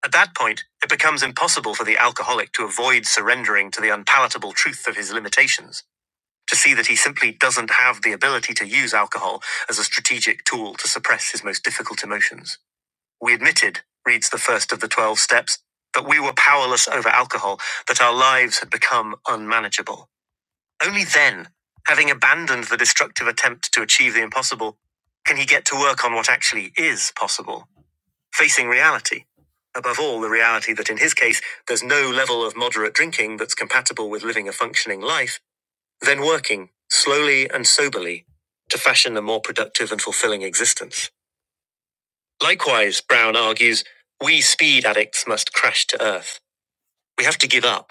A: At that point, it becomes impossible for the alcoholic to avoid surrendering to the unpalatable truth of his limitations, to see that he simply doesn't have the ability to use alcohol as a strategic tool to suppress his most difficult emotions. We admitted, reads the first of the 12 steps, that we were powerless over alcohol, that our lives had become unmanageable. Only then, having abandoned the destructive attempt to achieve the impossible, can he get to work on what actually is possible, facing reality. Above all, the reality that in his case, there's no level of moderate drinking that's compatible with living a functioning life, then working, slowly and soberly, to fashion a more productive and fulfilling existence. Likewise, Brown argues, we speed addicts must crash to earth. We have to give up.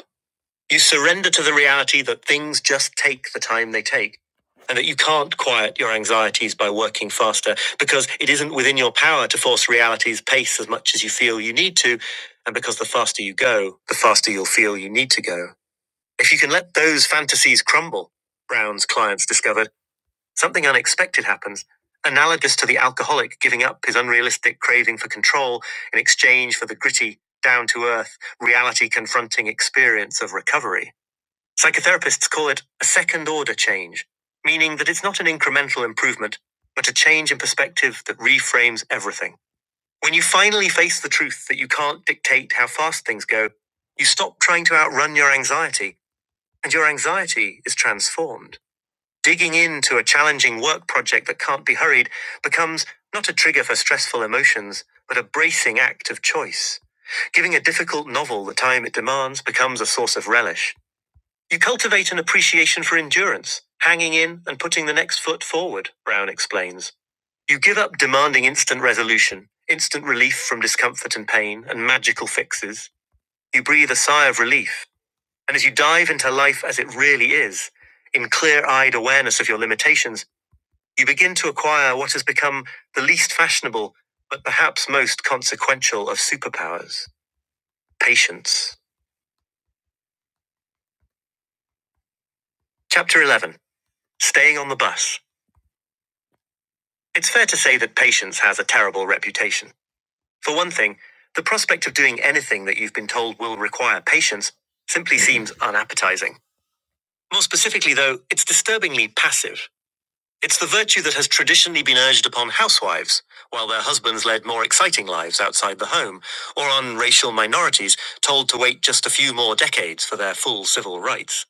A: You surrender to the reality that things just take the time they take, and that you can't quiet your anxieties by working faster because it isn't within your power to force reality's pace as much as you feel you need to, and because the faster you go, the faster you'll feel you need to go. If you can let those fantasies crumble, Brown's clients discovered, something unexpected happens. Analogous to the alcoholic giving up his unrealistic craving for control in exchange for the gritty, down to earth, reality confronting experience of recovery. Psychotherapists call it a second order change, meaning that it's not an incremental improvement, but a change in perspective that reframes everything. When you finally face the truth that you can't dictate how fast things go, you stop trying to outrun your anxiety, and your anxiety is transformed. Digging into a challenging work project that can't be hurried becomes not a trigger for stressful emotions, but a bracing act of choice. Giving a difficult novel the time it demands becomes a source of relish you cultivate an appreciation for endurance, hanging in and putting the next foot forward, Brown explains. You give up demanding instant resolution, instant relief from discomfort and pain, and magical fixes. You breathe a sigh of relief. And as you dive into life as it really is, in clear eyed awareness of your limitations, you begin to acquire what has become the least fashionable, but perhaps most consequential of superpowers patience. Chapter 11 Staying on the Bus. It's fair to say that patience has a terrible reputation. For one thing, the prospect of doing anything that you've been told will require patience simply seems unappetizing. More specifically, though, it's disturbingly passive. It's the virtue that has traditionally been urged upon housewives, while their husbands led more exciting lives outside the home, or on racial minorities told to wait just a few more decades for their full civil rights.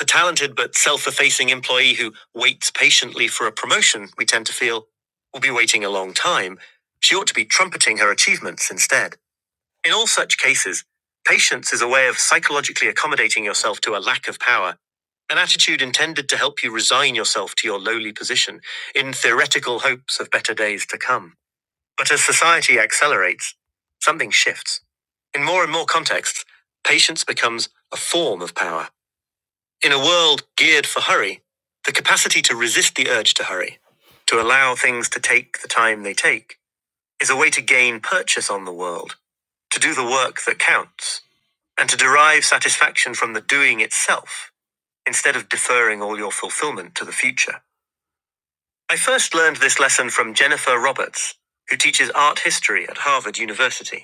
A: The talented but self effacing employee who waits patiently for a promotion, we tend to feel, will be waiting a long time. She ought to be trumpeting her achievements instead. In all such cases, patience is a way of psychologically accommodating yourself to a lack of power, an attitude intended to help you resign yourself to your lowly position in theoretical hopes of better days to come. But as society accelerates, something shifts. In more and more contexts, patience becomes a form of power in a world geared for hurry, the capacity to resist the urge to hurry, to allow things to take the time they take, is a way to gain purchase on the world, to do the work that counts, and to derive satisfaction from the doing itself, instead of deferring all your fulfillment to the future. I first learned this lesson from Jennifer Roberts, who teaches art history at Harvard University.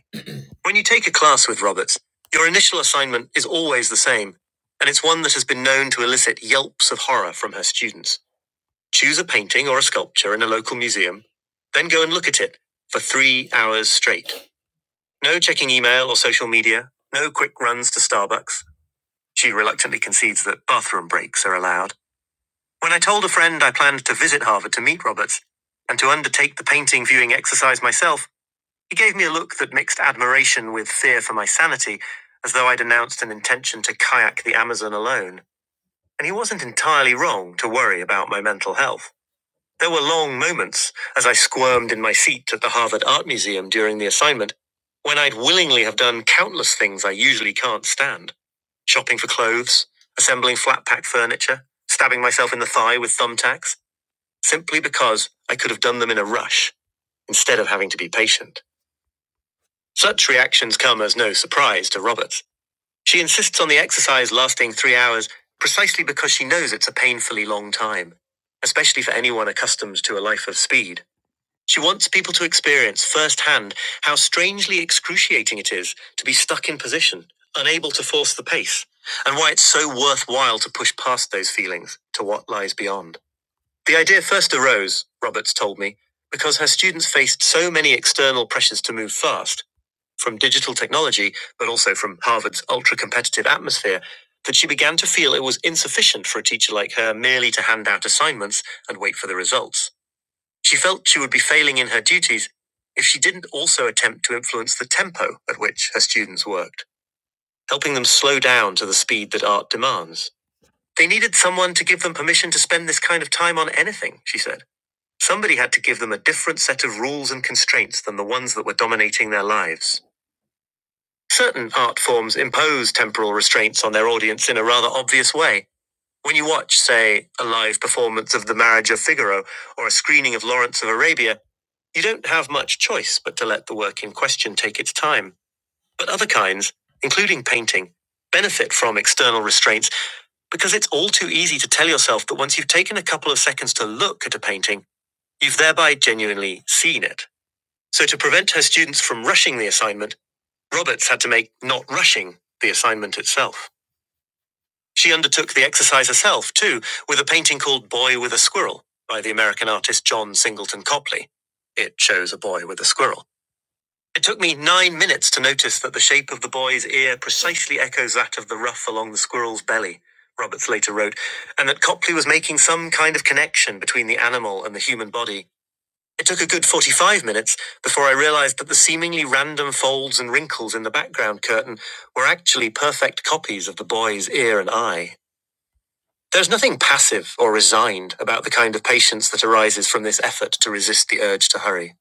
A: When you take a class with Roberts, your initial assignment is always the same, and it's one that has been known to elicit yelps of horror from her students. Choose a painting or a sculpture in a local museum, then go and look at it for three hours straight. No checking email or social media, no quick runs to Starbucks. She reluctantly concedes that bathroom breaks are allowed. When I told a friend I planned to visit Harvard to meet Roberts and to undertake the painting viewing exercise myself, he gave me a look that mixed admiration with fear for my sanity, as though I'd announced an intention to kayak the Amazon alone. And he wasn't entirely wrong to worry about my mental health. There were long moments, as I squirmed in my seat at the Harvard Art Museum during the assignment, when I'd willingly have done countless things I usually can't stand shopping for clothes, assembling flat pack furniture, stabbing myself in the thigh with thumbtacks, simply because I could have done them in a rush instead of having to be patient. Such reactions come as no surprise to Roberts. She insists on the exercise lasting three hours precisely because she knows it's a painfully long time, especially for anyone accustomed to a life of speed. She wants people to experience firsthand how strangely excruciating it is to be stuck in position, unable to force the pace, and why it's so worthwhile to push past those feelings to what lies beyond. The idea first arose, Roberts told me, because her students faced so many external pressures to move fast from digital technology, but also from Harvard's ultra competitive atmosphere, that she began to feel it was insufficient for a teacher like her merely to hand out assignments and wait for the results. She felt she would be failing in her duties if she didn't also attempt to influence the tempo at which her students worked, helping them slow down to the speed that art demands. They needed someone to give them permission to spend this kind of time on anything, she said. Somebody had to give them a different set of rules and constraints than the ones that were dominating their lives. Certain art forms impose temporal restraints on their audience in a rather obvious way. When you watch, say, a live performance of The Marriage of Figaro or a screening of Lawrence of Arabia, you don't have much choice but to let the work in question take its time. But other kinds, including painting, benefit from external restraints because it's all too easy to tell yourself that once you've taken a couple of seconds to look at a painting, you've thereby genuinely seen it. So, to prevent her students from rushing the assignment, Roberts had to make not rushing the assignment itself. She undertook the exercise herself, too, with a painting called Boy with a Squirrel by the American artist John Singleton Copley. It shows a boy with a squirrel. It took me nine minutes to notice that the shape of the boy's ear precisely echoes that of the ruff along the squirrel's belly, Roberts later wrote, and that Copley was making some kind of connection between the animal and the human body it took a good 45 minutes before I realized that the seemingly random folds and wrinkles in the background curtain were actually perfect copies of the boy's ear and eye. There's nothing passive or resigned about the kind of patience that arises from this effort to resist the urge to hurry.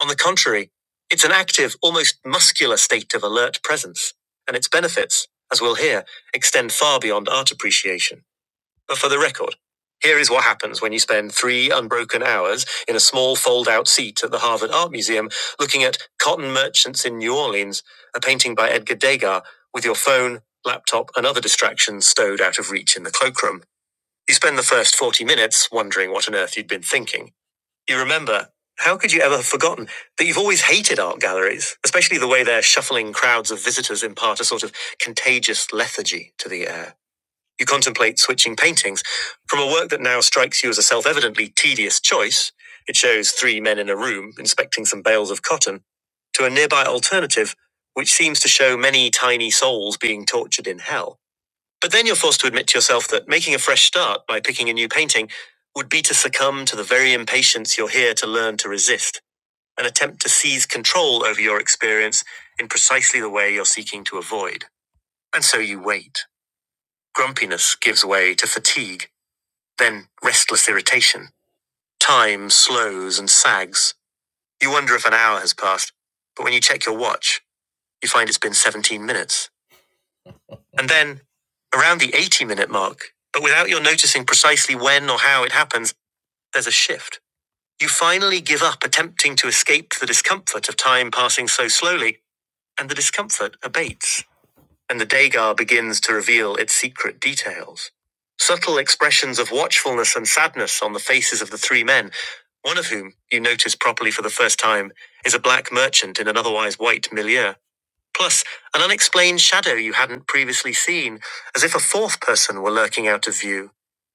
A: On the contrary, it's an active, almost muscular state of alert presence, and its benefits, as we'll hear, extend far beyond art appreciation. But for the record, here is what happens when you spend three unbroken hours in a small fold out seat at the Harvard Art Museum looking at Cotton Merchants in New Orleans, a painting by Edgar Degas, with your phone, laptop, and other distractions stowed out of reach in the cloakroom. You spend the first 40 minutes wondering what on earth you'd been thinking. You remember, how could you ever have forgotten that you've always hated art galleries, especially the way their shuffling crowds of visitors impart a sort of contagious lethargy to the air? You contemplate switching paintings from a work that now strikes you as a self evidently tedious choice. It shows three men in a room inspecting some bales of cotton to a nearby alternative, which seems to show many tiny souls being tortured in hell. But then you're forced to admit to yourself that making a fresh start by picking a new painting would be to succumb to the very impatience you're here to learn to resist, an attempt to seize control over your experience in precisely the way you're seeking to avoid. And so you wait. Grumpiness gives way to fatigue then restless irritation. Time slows and sags. You wonder if an hour has passed, but when you check your watch, you find it's been 17 minutes. And then, around the 80 minute mark, but without your noticing precisely when or how it happens, there's a shift. You finally give up attempting to escape the discomfort of time passing so slowly, and the discomfort abates. and the Dagar begins to reveal its secret details. Subtle expressions of watchfulness and sadness on the faces of the three men, one of whom, you notice properly for the first time, is a black merchant in an otherwise white milieu, plus an unexplained shadow you hadn't previously seen, as if a fourth person were lurking out of view.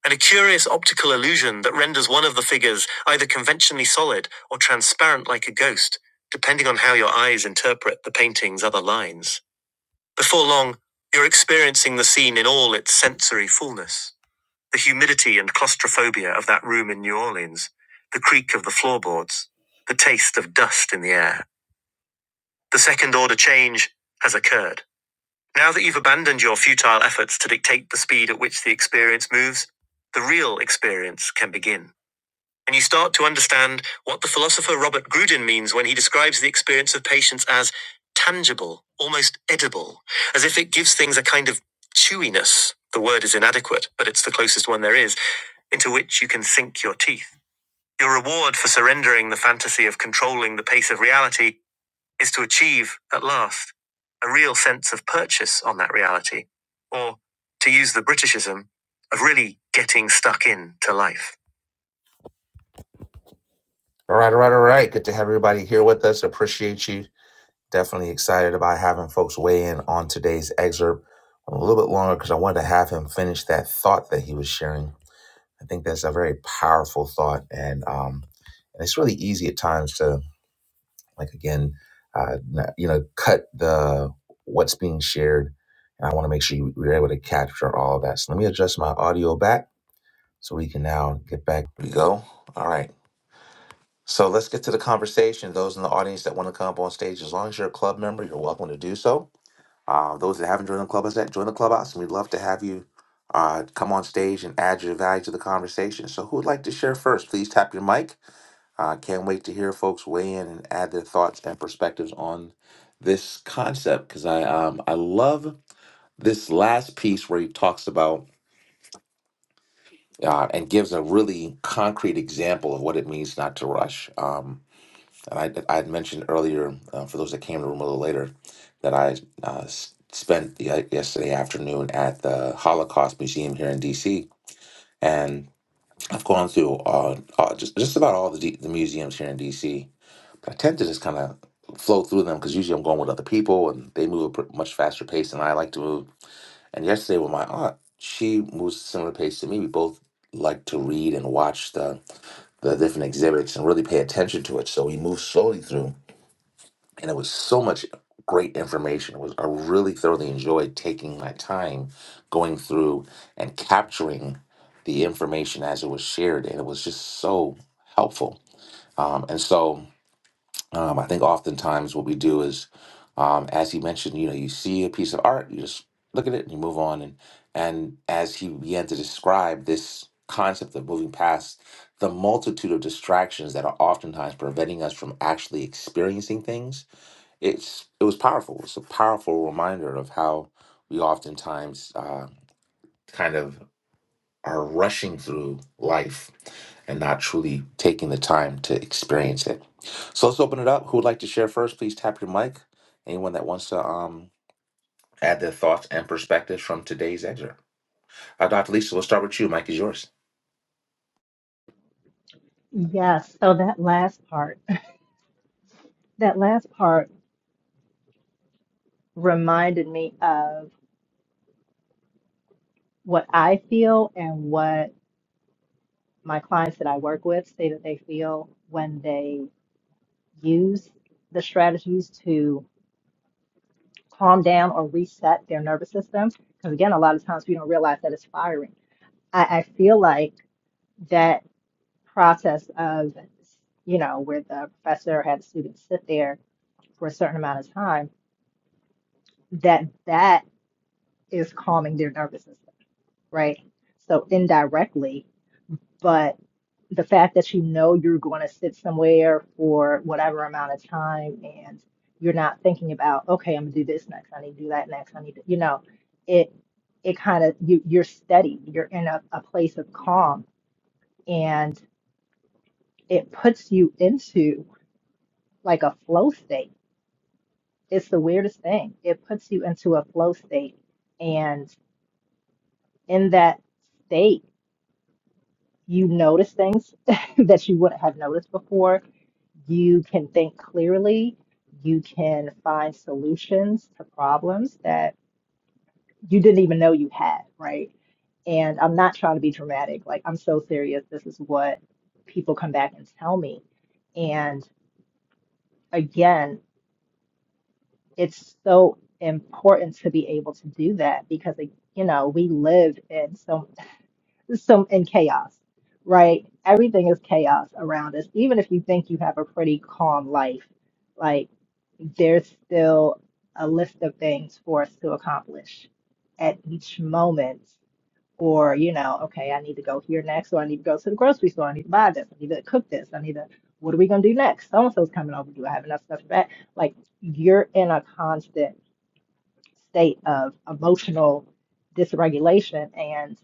A: And a curious optical illusion that renders one of the figures either conventionally solid or transparent like a ghost, depending on how your eyes interpret the painting's other lines. Before long, you're experiencing the scene in all its sensory fullness. The humidity and claustrophobia of that room in New Orleans, the creak of the floorboards, the taste of dust in the air. The second order change has occurred. Now that you've abandoned your futile efforts to dictate the speed at which the experience moves, the real experience can begin and you start to understand what the philosopher Robert Grudin means when he describes the experience of patience as tangible, almost edible, as if it gives things a kind of chewiness. The word is inadequate, but it's the closest one there is, into which you can sink your teeth. Your reward for surrendering the fantasy of controlling the pace of reality is to achieve, at last, a real sense of purchase on that reality, or, to use the Britishism, of really getting stuck in to life. All right, all right, all right. Good to have everybody here with us. Appreciate you. Definitely excited about having folks weigh in on today's excerpt. a little bit longer because I wanted to have him finish that thought that he was sharing. I think that's a very powerful thought, and um, and it's really easy at times to like again, uh, n- you know, cut the what's being shared. And I want to make sure you- you're able to capture all of that. So let me adjust my audio back so we can now get back. Here we go. All right. So let's get to the conversation. Those in the audience that want to come up on stage, as long as you're a club member, you're welcome to do so. Uh, those that haven't joined the clubhouse yet, join the clubhouse, and we'd love to have you uh, come on stage and add your value to the conversation. So, who would like to share first? Please tap your mic. Uh, can't wait to hear folks weigh in and add their thoughts and perspectives on this concept because I um, I love this last piece where he talks about uh, and gives a really concrete example of what it means not to rush. Um, And I, I had mentioned earlier, uh, for those that came in the room a little later, that I uh, s- spent ye- yesterday afternoon at the Holocaust Museum here in DC. And I've gone through uh, uh, just, just about all the, D- the museums here in DC. But I tend to just kind of flow through them because usually I'm going with other people and they move at a pr- much faster pace than I like to move. And yesterday with my aunt, she moves at a similar pace to me. We both like to read and watch the, the different exhibits and really pay attention to it. So we move slowly through and it was so much great information. It was I really thoroughly enjoyed taking my time going through and capturing the information as it was shared, and it was just so helpful. Um, and so um, I think oftentimes what we do is, um, as he mentioned, you know, you see a piece of art, you just look at it and you move on. And and as he began to describe this concept of moving past the multitude of distractions that are oftentimes preventing us from actually experiencing things it's it was powerful. It's a powerful reminder of how we oftentimes uh, kind of are rushing through life and not truly taking the time to experience it. So let's open it up. Who would like to share first? Please tap your mic. Anyone that wants to um, add their thoughts and perspectives from today's excerpt. Uh, Dr. Lisa, we'll start with you. Mike is yours.
D: Yes, so that last part, that last part reminded me of what I feel and what my clients that I work with say that they feel when they use the strategies to calm down or reset their nervous system. Because again, a lot of times we don't realize that it's firing. I, I feel like that process of, you know, where the professor had the students sit there for a certain amount of time, that that is calming their nervous system, right? So indirectly, but the fact that you know you're going to sit somewhere for whatever amount of time and you're not thinking about okay i'm going to do this next i need to do that next i need to you know it it kind of you you're steady you're in a, a place of calm and it puts you into like a flow state it's the weirdest thing it puts you into a flow state and in that state you notice things that you wouldn't have noticed before You can think clearly. You can find solutions to problems that you didn't even know you had, right? And I'm not trying to be dramatic. Like, I'm so serious. This is what people come back and tell me. And again, it's so important to be able to do that because, like, you know, we live in so, so in chaos, right? Everything is chaos around us. Even if you think you have a pretty calm life, like. there's still a list of things for us to accomplish at each moment. Or, you know, okay, I need to go here next, or I need to go to the grocery store, I need to buy this, I need to cook this, I need to, what are we gonna do next? So and so's coming over. Do I have enough stuff for that? Like you're in a constant state of emotional dysregulation. And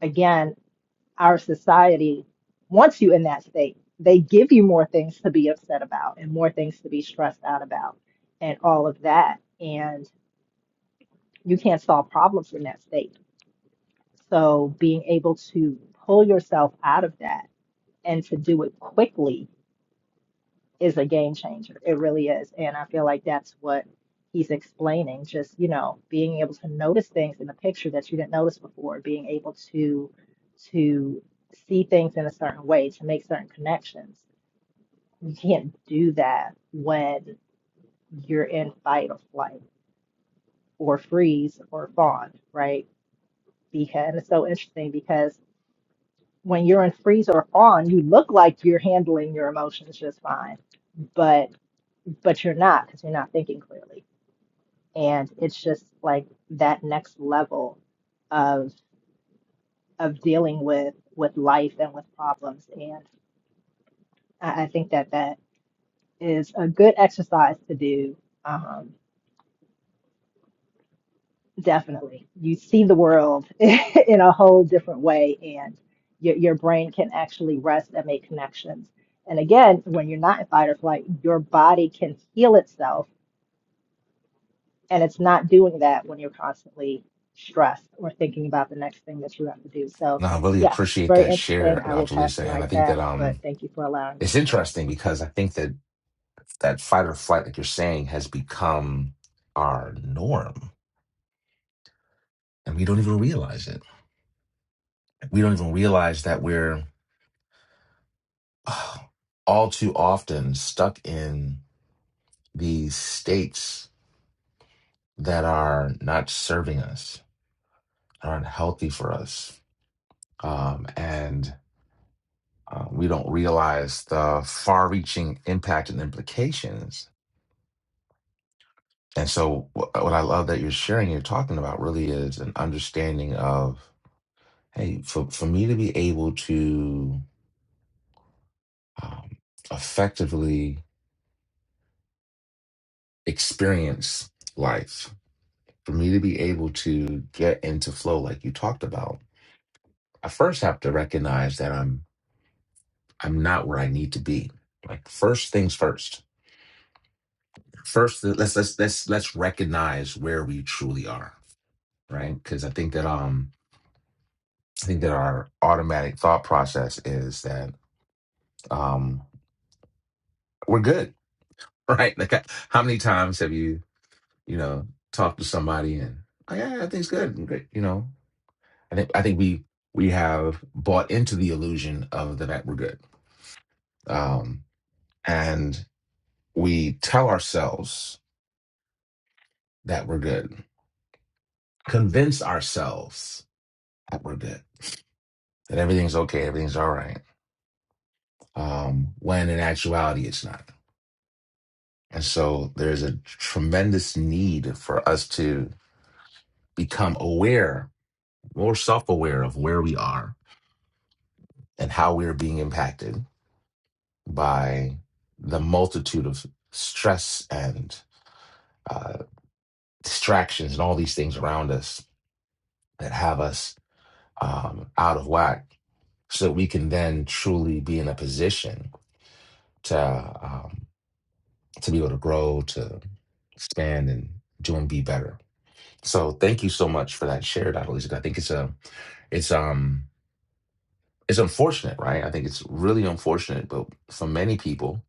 D: again, our society wants you in that state. They give you more things to be upset about and more things to be stressed out about and all of that. And you can't solve problems in that state. So being able to pull yourself out of that and to do it quickly is a game changer. It really is. And I feel like that's what he's explaining, just, you know, being able to notice things in the picture that you didn't notice before, being able to to see things in a certain way, to make certain connections. You can't do that when you're in fight or flight or freeze or fawn, right? Because and it's so interesting because when you're in freeze or fawn, you look like you're handling your emotions just fine, but but you're not because you're not thinking clearly and it's just like that next level of of dealing with with life and with problems and I, I think that that is a good exercise to do um definitely you see the world in a whole different way and your, your brain can actually rest and make connections and again when you're not in fight or flight your body can heal itself And it's not doing that when you're constantly stressed or thinking about the next thing that you have to do. So,
A: No, I really
D: yes,
A: appreciate
D: very
A: that share,
D: interesting. I will
A: Dr.
D: pass
A: Lisa.
D: the
A: And I
D: mic
A: think that
D: back, but
A: um
D: thank you for allowing me to
A: it's
D: share.
A: interesting because I think that that fight or flight, like you're saying, has become our norm. And we don't even realize it. We don't even realize that we're oh, all too often stuck in these states that are not serving us, aren't healthy for us. Um, and uh, we don't realize the far reaching impact and implications. And so, wh- what I love that you're sharing, you're talking about really is an understanding of Hey, for, for me to be able to um, effectively experience life, for me to be able to get into flow like you talked about, I first have to recognize that I'm I'm not where I need to be. Like first things first. First, let's let's let's let's recognize where we truly are, right? Because I think that um I think that our automatic thought process is that um we're good, right? Like how many times have you you know, talk to somebody and like, yeah, everything's good. and Great. You know, I think I think we we have bought into the illusion of the that we're good. Um, and we tell ourselves that we're good, convince ourselves that we're good, that everything's okay, everything's all right. Um, when in actuality it's not. And so there's a tremendous need for us to become aware, more self-aware of where we are and how we're being impacted by the multitude of stress and uh, distractions and all these things around us that have us um, out of whack, so that we can then truly be in a position to um, to be able to grow, to expand, and do and be better. So, thank you so much for that share, Dr. Lisa. I think it's a it's um it's unfortunate, right? I think it's really unfortunate, but for many people,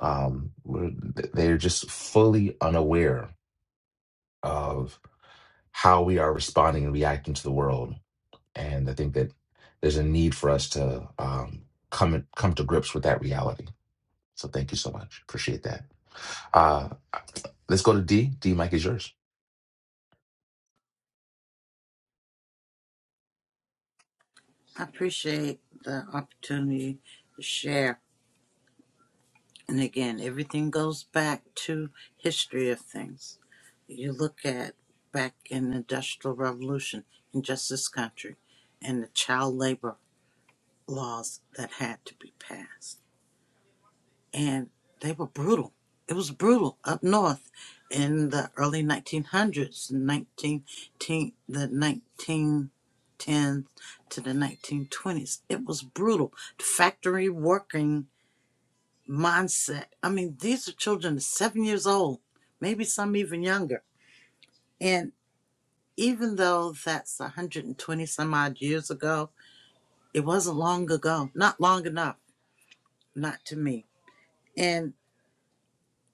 A: um, we're, they're just fully unaware of how we are responding and reacting to the world. And I think that there's a need for us to um, come come to grips with that reality. So thank you so much. Appreciate that. Uh, let's go to D. D. Mike is yours.
B: I appreciate the opportunity to share. And again, everything goes back to history of things. You look at back in the Industrial Revolution in just this country and the child labor laws that had to be passed. and they were brutal. It was brutal up north in the early 1900s, 19, the 1910s to the 1920s. It was brutal. The Factory working mindset. I mean, these are children seven years old, maybe some even younger. And even though that's 120 some odd years ago, it wasn't long ago, not long enough, not to me. And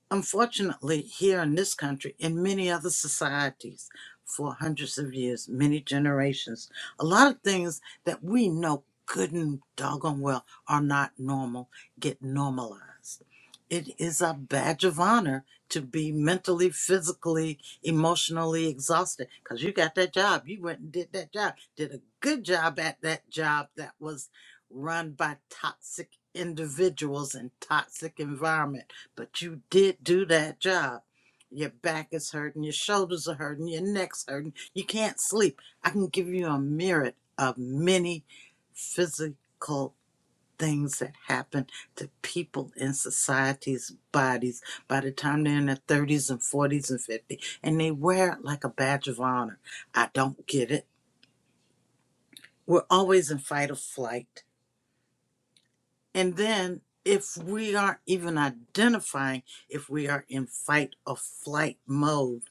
B: Unfortunately, here in this country, in many other societies, for hundreds of years, many generations, a lot of things that we know good and doggone well are not normal get normalized. It is a badge of honor to be mentally, physically, emotionally exhausted because you got that job. You went and did that job, did a good job at that job that was run by toxic individuals and toxic environment but you did do that job. Your back is hurting, your shoulders are hurting, your neck's hurting, you can't sleep. I can give you a myriad of many physical things that happen to people in society's bodies by the time they're in their 30s and 40s and 50s, and they wear it like a badge of honor. I don't get it. We're always in fight or flight And then if we aren't even identifying if we are in fight or flight mode,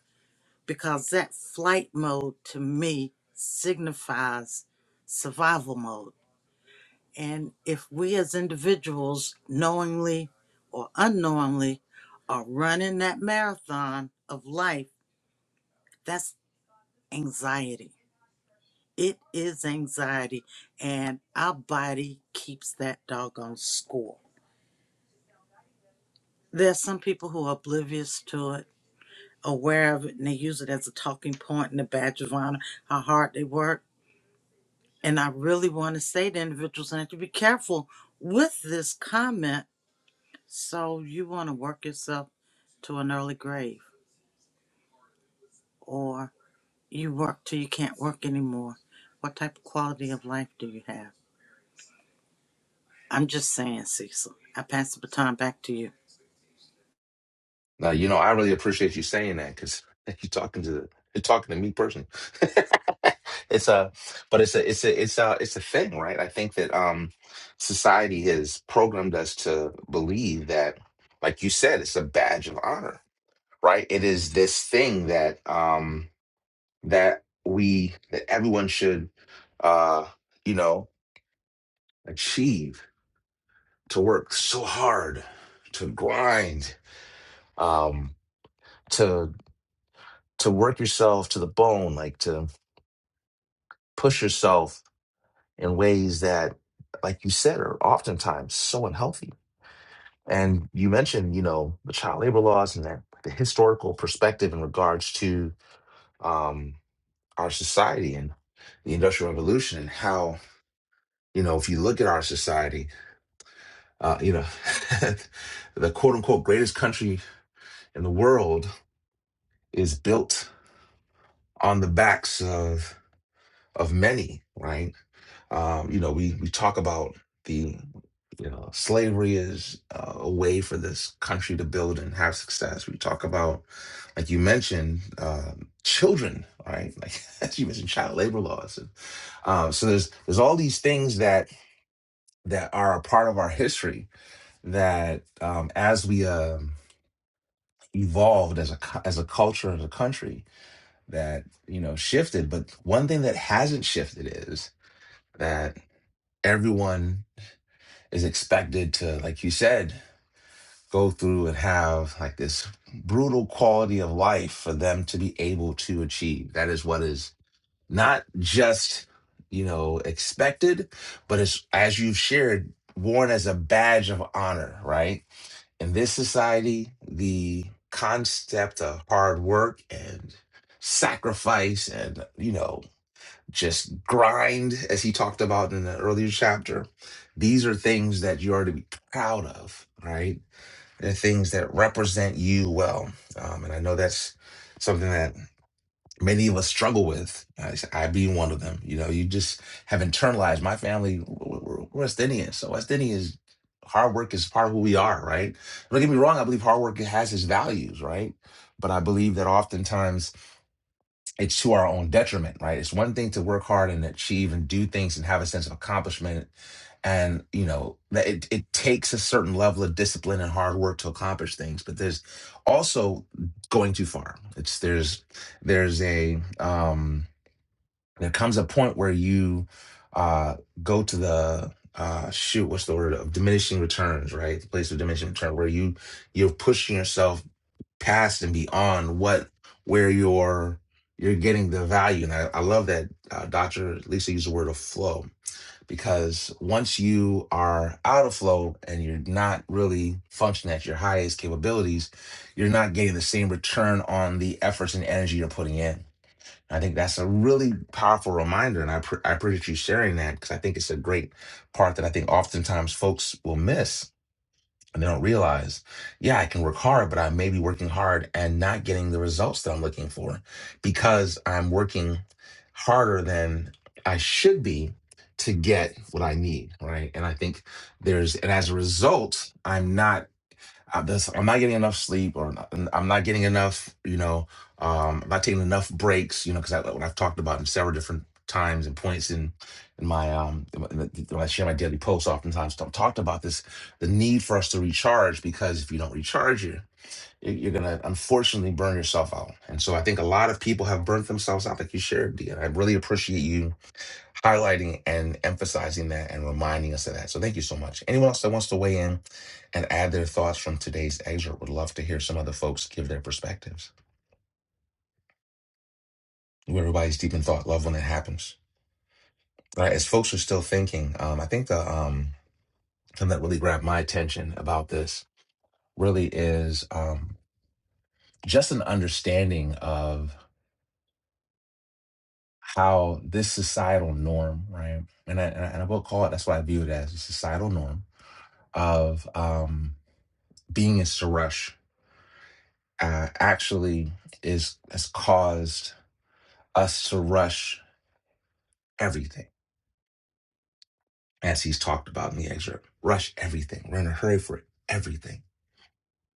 B: because that flight mode to me signifies survival mode. And if we as individuals, knowingly or unknowingly, are running that marathon of life, that's anxiety. It is anxiety, and our body keeps that doggone score. There are some people who are oblivious to it aware of it and they use it as a talking point and a badge of honor, how hard they work. And I really want to say to individuals, and have to be careful with this comment. So you want to work yourself to an early grave, or you work till you can't work anymore. What type of quality of life do you have? I'm just saying, Cecil. I pass the baton back to you.
A: Now you know I really appreciate you saying that because you're talking to the, you're talking to me personally. it's a but it's a it's a it's a it's a thing, right? I think that um society has programmed us to believe that, like you said, it's a badge of honor right? It is this thing that um that we that everyone should uh you know achieve to work so hard, to grind, um to to work yourself to the bone, like to push yourself in ways that like you said are oftentimes so unhealthy. And you mentioned, you know, the child labor laws and that the historical perspective in regards to um our society and the industrial revolution and how You know, if you look at our society, uh, you know, the quote unquote greatest country in the world is built on the backs of of many, right? Um, you know, we we talk about the you know slavery is uh, a way for this country to build and have success. We talk about, like you mentioned, uh, children, right? Like as you mentioned, child labor laws, and uh, so there's there's all these things that that are a part of our history that um, as we um evolved as a cu- as a culture and a country that you know shifted but one thing that hasn't shifted is that everyone is expected to like you said go through and have like this brutal quality of life for them to be able to achieve that is what is not just you know expected but it's as you've shared worn as a badge of honor right in this society, the concept of hard work and sacrifice and, you know, just grind, as he talked about in the earlier chapter, these are things that you are to be proud of, right? They're things that represent you well. Um, and I know that's something that many of us struggle with. I, I being one of them. You know, you just have internalized. My family, we're we're West Indian, so West Indians, hard work is part of who we are, right? Don't get me wrong. I believe hard work has its values, right? But I believe that oftentimes it's to our own detriment, right? It's one thing to work hard and achieve and do things and have a sense of accomplishment. And, you know, that it, it takes a certain level of discipline and hard work to accomplish things, but there's also going too far. It's there's, there's a, um there comes a point where you uh, go to the uh, shoot what's the word of diminishing returns right the place of diminishing return where you you're pushing yourself past and beyond what where you're you're getting the value and i, I love that uh, dr lisa used the word of flow because once you are out of flow and you're not really functioning at your highest capabilities you're not getting the same return on the efforts and energy you're putting in I think that's a really powerful reminder, and I pre- I appreciate you sharing that because I think it's a great part that I think oftentimes folks will miss and they don't realize. Yeah, I can work hard, but I may be working hard and not getting the results that I'm looking for because I'm working harder than I should be to get what I need, right? And I think there's and as a result, I'm not I'm just I'm not getting enough sleep, or not, I'm not getting enough. You know, um, I'm not taking enough breaks. You know, because I, like, what I've talked about in several different times and points in in my um in my- in the- when I share my daily posts, oftentimes I've talked about this the need for us to recharge because if you don't recharge you you're you're gonna unfortunately burn yourself out. And so I think a lot of people have burnt themselves out, like you shared, Dean. I really appreciate you highlighting and emphasizing that and reminding us of that. So thank you so much. Anyone else that wants to weigh in and add their thoughts from today's excerpt would love to hear some other folks give their perspectives. Everybody's deep in thought. Love when it happens. All right, as folks are still thinking, um, I think the um, thing that really grabbed my attention about this really is um, just an understanding of how this societal norm, right? And I, and I and I will call it, that's what I view it as, a societal norm of um, being in Suresh uh, actually is has caused us to rush everything, as he's talked about in the excerpt. Rush everything. We're in a hurry for everything.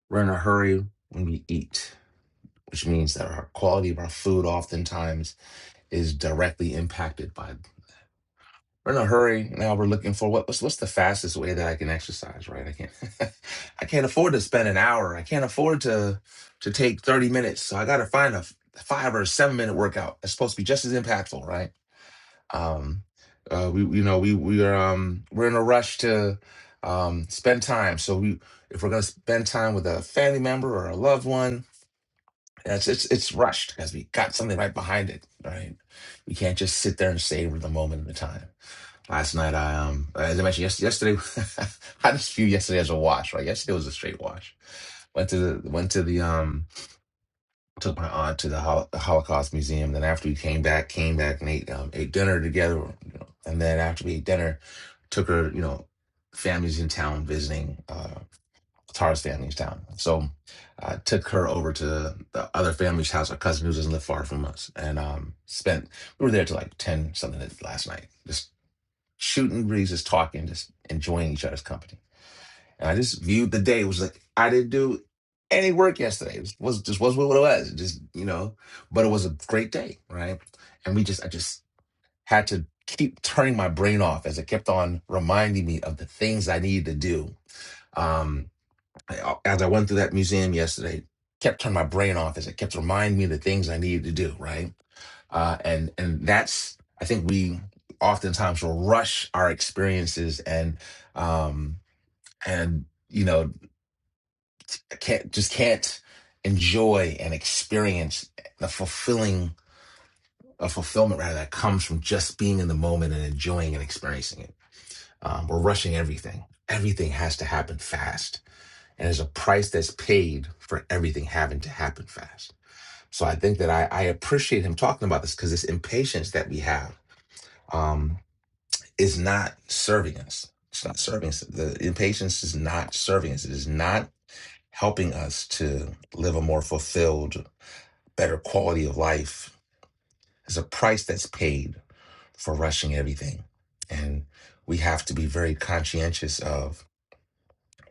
A: We're in a hurry when we eat, which means that our quality of our food oftentimes is directly impacted by. We're in a hurry now. We're looking for what, what's what's the fastest way that I can exercise, right? I can't I can't afford to spend an hour. I can't afford to to take thirty minutes. So I got to find a f- five or seven minute workout. It's supposed to be just as impactful, right? um uh we you know we we are um we're in a rush to um spend time so we if we're going to spend time with a family member or a loved one it's it's, it's rushed because we got something right behind it right we can't just sit there and savor the moment and the time last night i um as i mentioned yes, yesterday i just this view yesterday as a wash right yesterday was a straight wash went to the went to the um took my aunt to the Hol- the Holocaust Museum. Then after we came back, came back and ate um, ate dinner together. You know, and then after we ate dinner, took her. You know, families in town visiting uh, Tara's family's town. So I took her over to the other family's house, a cousin who doesn't live far from us, and um, spent. We were there till like ten something last night, just shooting breezes, talking, just enjoying each other's company. And I just viewed the day. It was like I didn't do any work yesterday. It was was- just was what it was. It just you know, but it was a great day, right? And we just I just had to keep turning my brain off as it kept on reminding me of the things I needed to do. Um, I, uh, as I went through that museum yesterday, kept turning my brain off as it kept reminding me of the things I needed to do, right? uh, and and that's I think we oftentimes will rush our experiences and um, and you know I can't just can't enjoy and experience the fulfilling a fulfillment rather that comes from just being in the moment and enjoying and experiencing it. Um, we're rushing everything. Everything has to happen fast, and there's a price that's paid for everything having to happen fast. So I think that I, I appreciate him talking about this because this impatience that we have um, is not serving us. It's not serving us. The impatience is not serving us. It is not helping us to live a more fulfilled better quality of life. There's a price that's paid for rushing everything. And we have to be very conscientious of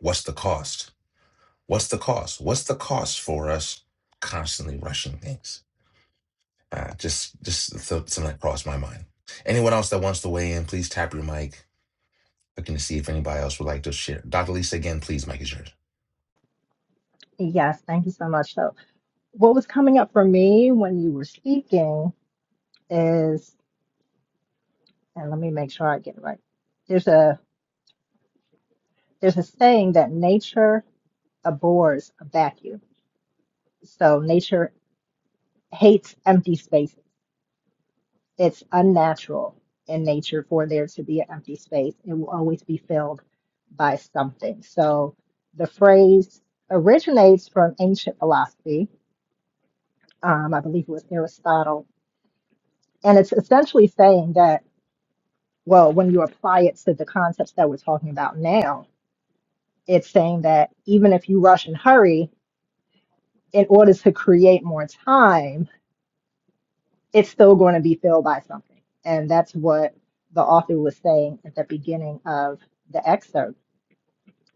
A: what's the cost? What's the cost? What's the cost for us constantly rushing things? Uh, just just th- something that crossed my mind. Anyone else that wants to weigh in, please tap your mic. Looking to see if anybody else would like to share. Dr. Lisa, again, please, mic is yours.
D: Yes, thank you so much. So, what was coming up for me when you were speaking is, and let me make sure I get it right. There's a there's a saying that nature abhors a vacuum. So nature hates empty spaces It's unnatural in nature for there to be an empty space. It will always be filled by something. So the phrase originates from ancient philosophy. Um, I believe it was Aristotle. And it's essentially saying that, well, when you apply it to the concepts that we're talking about now, it's saying that even if you rush and hurry, in order to create more time, it's still going to be filled by something. And that's what the author was saying at the beginning of the excerpt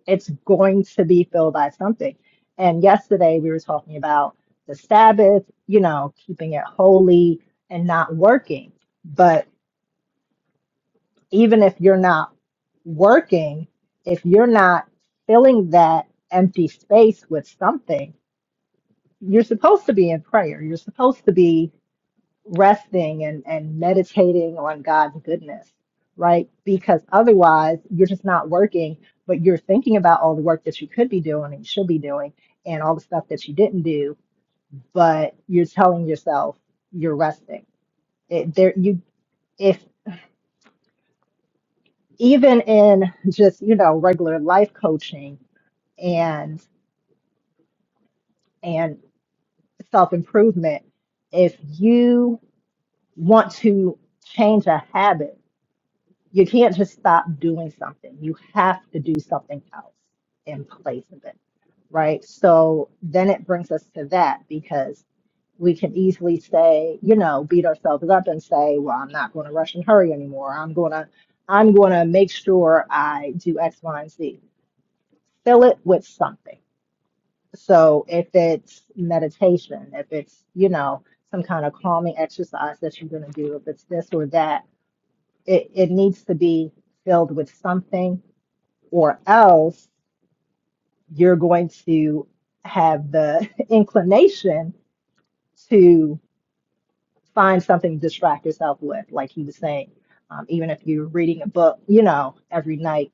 D: it's going to be filled by something. And yesterday we were talking about the Sabbath, you know, keeping it holy and not working. But even if you're not working, if you're not filling that empty space with something, you're supposed to be in prayer. You're supposed to be resting and, and meditating on God's goodness, right? Because otherwise, you're just not working, but you're thinking about all the work that you could be doing and should be doing and all the stuff that you didn't do, but you're telling yourself you're resting. It, there, you, if even in just, you know, regular life coaching and, and self improvement, if you want to change a habit, You can't just stop doing something. You have to do something else in place of it, right? So then it brings us to that because we can easily say, you know, beat ourselves up and say, well, I'm not going to rush and hurry anymore. I'm going to I'm going to make sure I do X, Y, and Z. Fill it with something. So if it's meditation, if it's, you know, some kind of calming exercise that you're going to do, if it's this or that, it, it needs to be filled with something or else you're going to have the inclination to find something to distract yourself with. Like he was saying, um, even if you're reading a book, you know, every night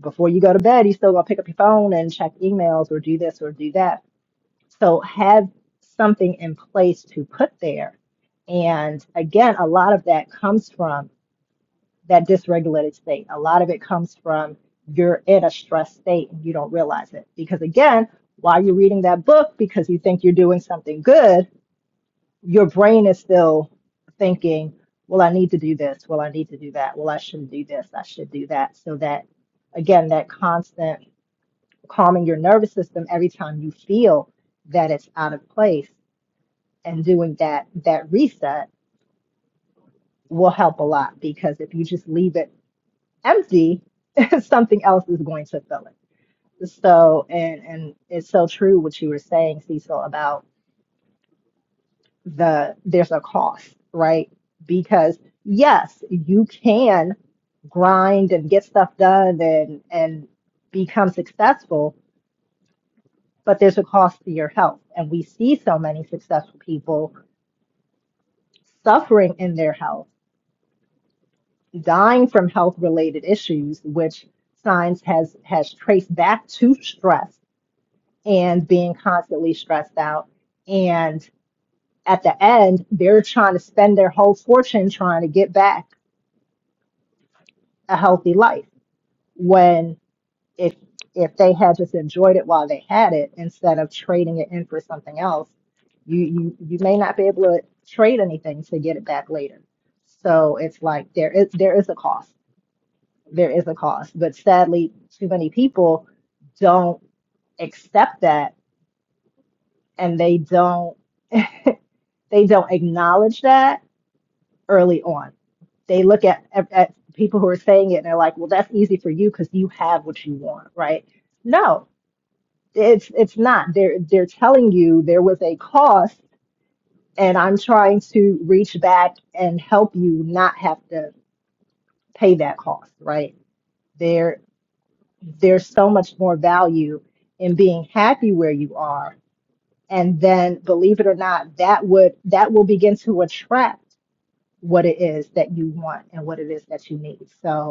D: before you go to bed, you are still gonna pick up your phone and check emails or do this or do that. So have something in place to put there. And again, a lot of that comes from that dysregulated state. A lot of it comes from you're in a stressed state and you don't realize it. Because again, while you're reading that book because you think you're doing something good, your brain is still thinking, well, I need to do this. Well, I need to do that. Well, I shouldn't do this. I should do that. So that, again, that constant calming your nervous system every time you feel that it's out of place and doing that that reset will help a lot because if you just leave it empty, something else is going to fill it. So, and and it's so true what you were saying, Cecil, about the there's a cost, right? Because yes, you can grind and get stuff done and and become successful, but there's a cost to your health. And we see so many successful people suffering in their health, dying from health related issues, which science has has traced back to stress and being constantly stressed out. And at the end, they're trying to spend their whole fortune trying to get back a healthy life. When if if they had just enjoyed it while they had it instead of trading it in for something else, you you, you may not be able to trade anything to get it back later. So it's like there is there is a cost. There is a cost. But sadly, too many people don't accept that and they don't they don't acknowledge that early on. They look at, at, at people who are saying it and they're like, well, that's easy for you because you have what you want, right? No, it's it's not. They're they're telling you there was a cost, and I'm trying to reach back and help you not have to pay that cost, right? There there's so much more value in being happy where you are. And then believe it or not, that would that will begin to attract what it is that you want and what it is that you need. So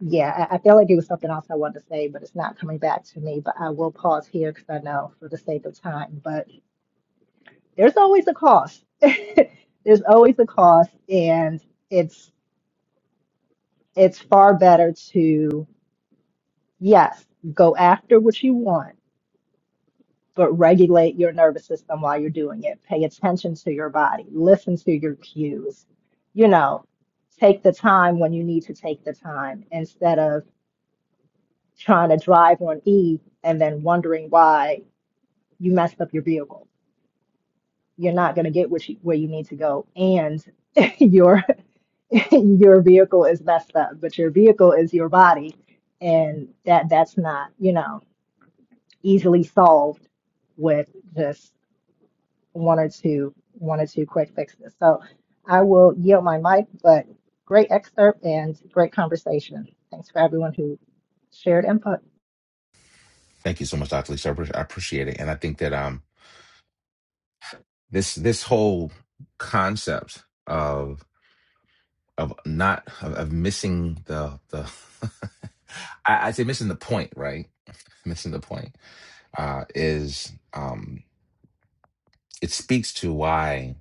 D: Yeah, I, I feel like it was something else I wanted to say, but it's not coming back to me. But I will pause here because I know for the sake of time. But there's always a cost. There's always a cost, and it's it's far better to, yes, go after what you want, but regulate your nervous system while you're doing it. Pay attention to your body, listen to your cues, you know, take the time when you need to take the time instead of trying to drive on E and then wondering why you messed up your vehicle. You're not going to get what you, where you need to go, and your your vehicle is messed up. But your vehicle is your body, and that that's not you know easily solved with just one or two one or two quick fixes. So I will yield my mic, but great excerpt and great conversation. Thanks for everyone who shared input.
A: Thank you so much, Dr. Lisa. I appre- I appreciate it. And I think that um this this whole concept of of not of, of missing the the I, I say missing the point, right? Missing the point uh, is um, it speaks to why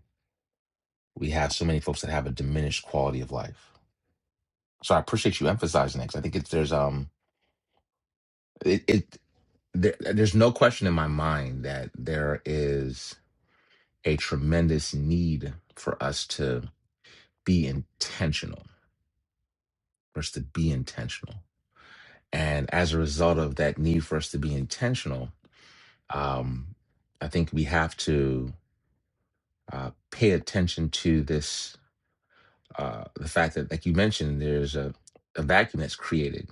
A: we have so many folks that have a diminished quality of life. So I appreciate you emphasizing that 'cause I think it's there's um it, it there, there's no question in my mind that there is a tremendous need for us to be intentional, for us to be intentional, and as a result of that need for us to be intentional um, I think we have to uh, pay attention to this uh, the fact that, like you mentioned, there's a, a vacuum that's created,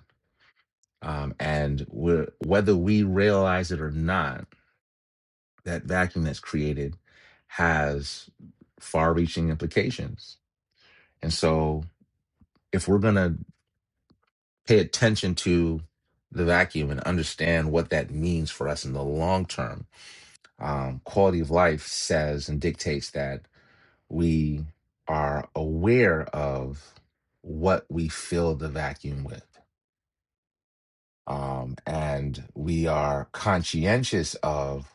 A: um, and we're, whether we realize it or not, that vacuum that's created has far-reaching implications. And so, if we're going to pay attention to the vacuum and understand what that means for us in the long term, um, quality of life says and dictates that we are aware of what we fill the vacuum with. Um, and we are conscientious of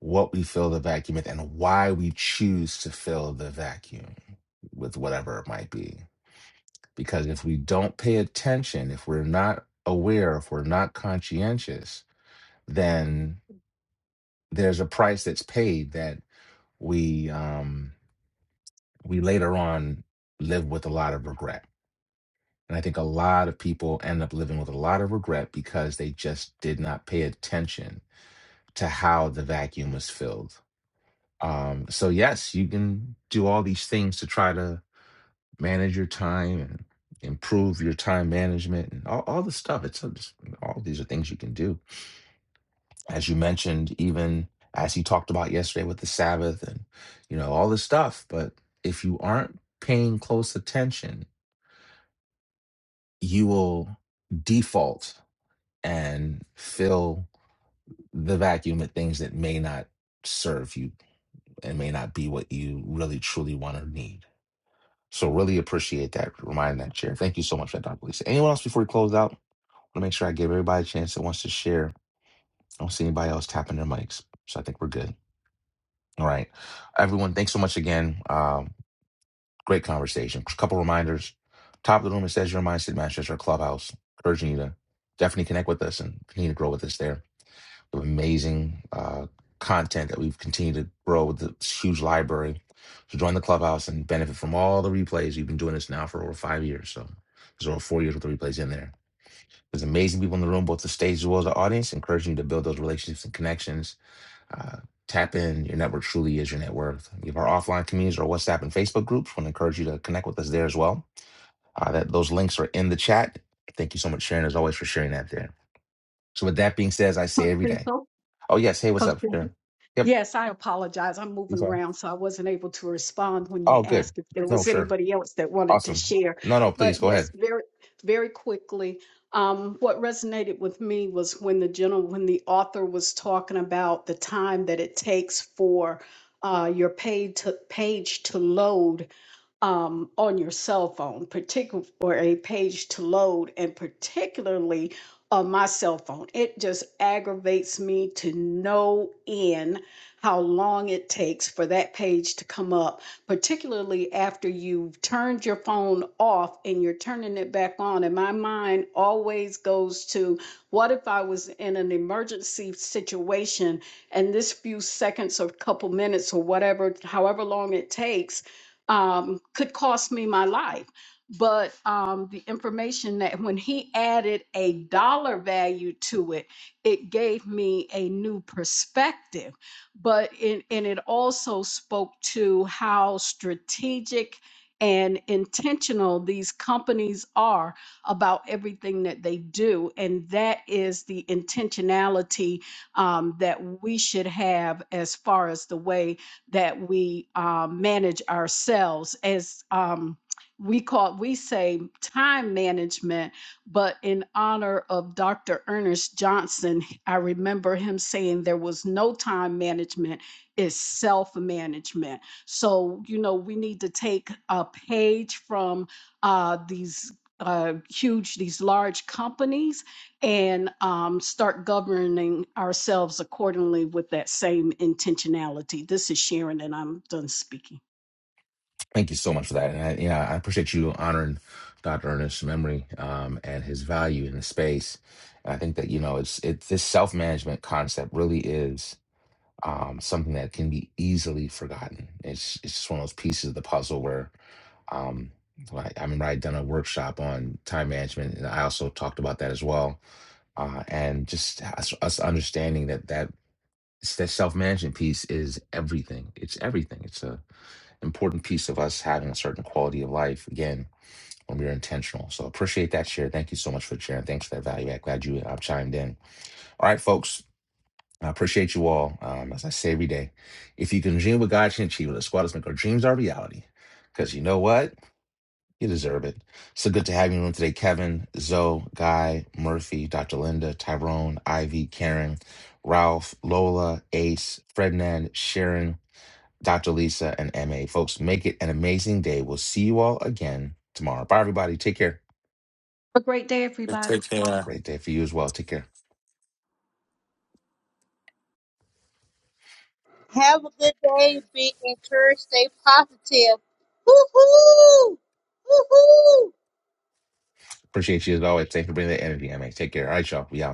A: what we fill the vacuum with and why we choose to fill the vacuum with whatever it might be. Because if we don't pay attention, if we're not aware, if we're not conscientious, then there's a price that's paid that we um, we later on live with a lot of regret And I think a lot of people end up living with a lot of regret because they just did not pay attention to how the vacuum was filled. Um, so, yes, you can do all these things to try to manage your time and improve your time management and all, all the stuff. It's, it's all these are things you can do. As you mentioned, even as you talked about yesterday with the Sabbath and, you know, all this stuff. But if you aren't paying close attention, you will default and fill the vacuum with things that may not serve you and may not be what you really truly want or need. So really appreciate that. Remind that share. Thank you so much for that, Dr. Lisa. Anyone else before we close out? I want to make sure I give everybody a chance that wants to share. I don't see anybody else tapping their mics. So I think we're good. All right. Everyone, thanks so much again. Um, great conversation. A couple reminders. Top of the room, it says your mindset matches our clubhouse, urging you to definitely connect with us and continue to grow with us there amazing uh, content that we've continued to grow with this huge library. So join the clubhouse and benefit from all the replays. We've been doing this now for over five years. So there's over four years with the replays in there. There's amazing people in the room, both the stage as well as the audience, encouraging you to build those relationships and connections. Uh, tap in. Your network truly is your net worth. We have our offline communities, our WhatsApp and Facebook groups. want to encourage you to connect with us there as well. Uh, that Those links are in the chat. Thank you so much, Sharon, as always, for sharing that there. So with that being said, as I say
E: Coach
A: every day.
E: Cecil.
A: Oh yes, hey, what's
E: Coach
A: up?
E: Cecil.
A: Sure. Yep,
E: Yes, I apologize. I'm
A: he's
E: moving
A: fine.
E: around, so I wasn't able to respond when you
A: Oh, good.
E: asked if there
A: No,
E: was
A: sure.
E: anybody else that wanted to
A: Awesome.
E: share.
A: No, no,
E: But
A: please go
E: yes,
A: ahead.
E: very, very quickly, um, what resonated with me was when the general, when the author was talking about the time that it takes for uh, your page to, page to load um, on your cell phone, particular or a page to load, and particularly on my cell phone. It just aggravates me to no end how long it takes for that page to come up, particularly after you've turned your phone off and you're turning it back on. And my mind always goes to what if I was in an emergency situation and this few seconds or couple minutes or whatever, however long it takes um, could cost me my life. But um, the information that when he added a dollar value to it, it gave me a new perspective. But it, and it also spoke to how strategic and intentional these companies are about everything that they do. And that is the intentionality um, that we should have as far as the way that we um, manage ourselves as um, we call we say time management but in honor of dr ernest johnson i remember him saying there was no time management it's self-management so you know we need to take a page from uh, these uh, huge these large companies and um, start governing ourselves accordingly with that same intentionality. This is Sharon, and I'm done speaking.
A: Thank you so much for that. And I, yeah, I appreciate you honoring Dr. Ernest's memory um, and his value in the space. And I think that you know, it's it's this self management concept really is um, something that can be easily forgotten. It's it's just one of those pieces of the puzzle where. Um, like, I remember I'd done a workshop on time management, and I also talked about that as well uh, and just us, us understanding that that it's that self-management piece is everything it's everything it's a important piece of us having a certain quality of life again when we're intentional so appreciate that share thank you so much for sharing thanks for that value add glad you uh, chimed in all right folks i appreciate you all um, as i say every day if you can dream what god can achieve let's go out and make our dreams our reality because you know what you deserve it. So good to have you in the room today, Kevin, Zoe, Guy, Murphy, Dr. Linda, Tyrone, Ivy, Karen, Ralph, Lola, Ace, Frednan, Sharon, Dr. Lisa, and MA. Folks, make it an amazing day. We'll see you all again tomorrow. Bye, everybody. Take care.
E: Have a great day, everybody.
G: Take care.
A: Great day for you as well. Take care.
C: Have a good day. Be encouraged. Stay positive. Hoo hoo! Hoo hoo!
A: Appreciate you as always. Thanks for bringing that energy, MA. Take care. All right, y'all. We out.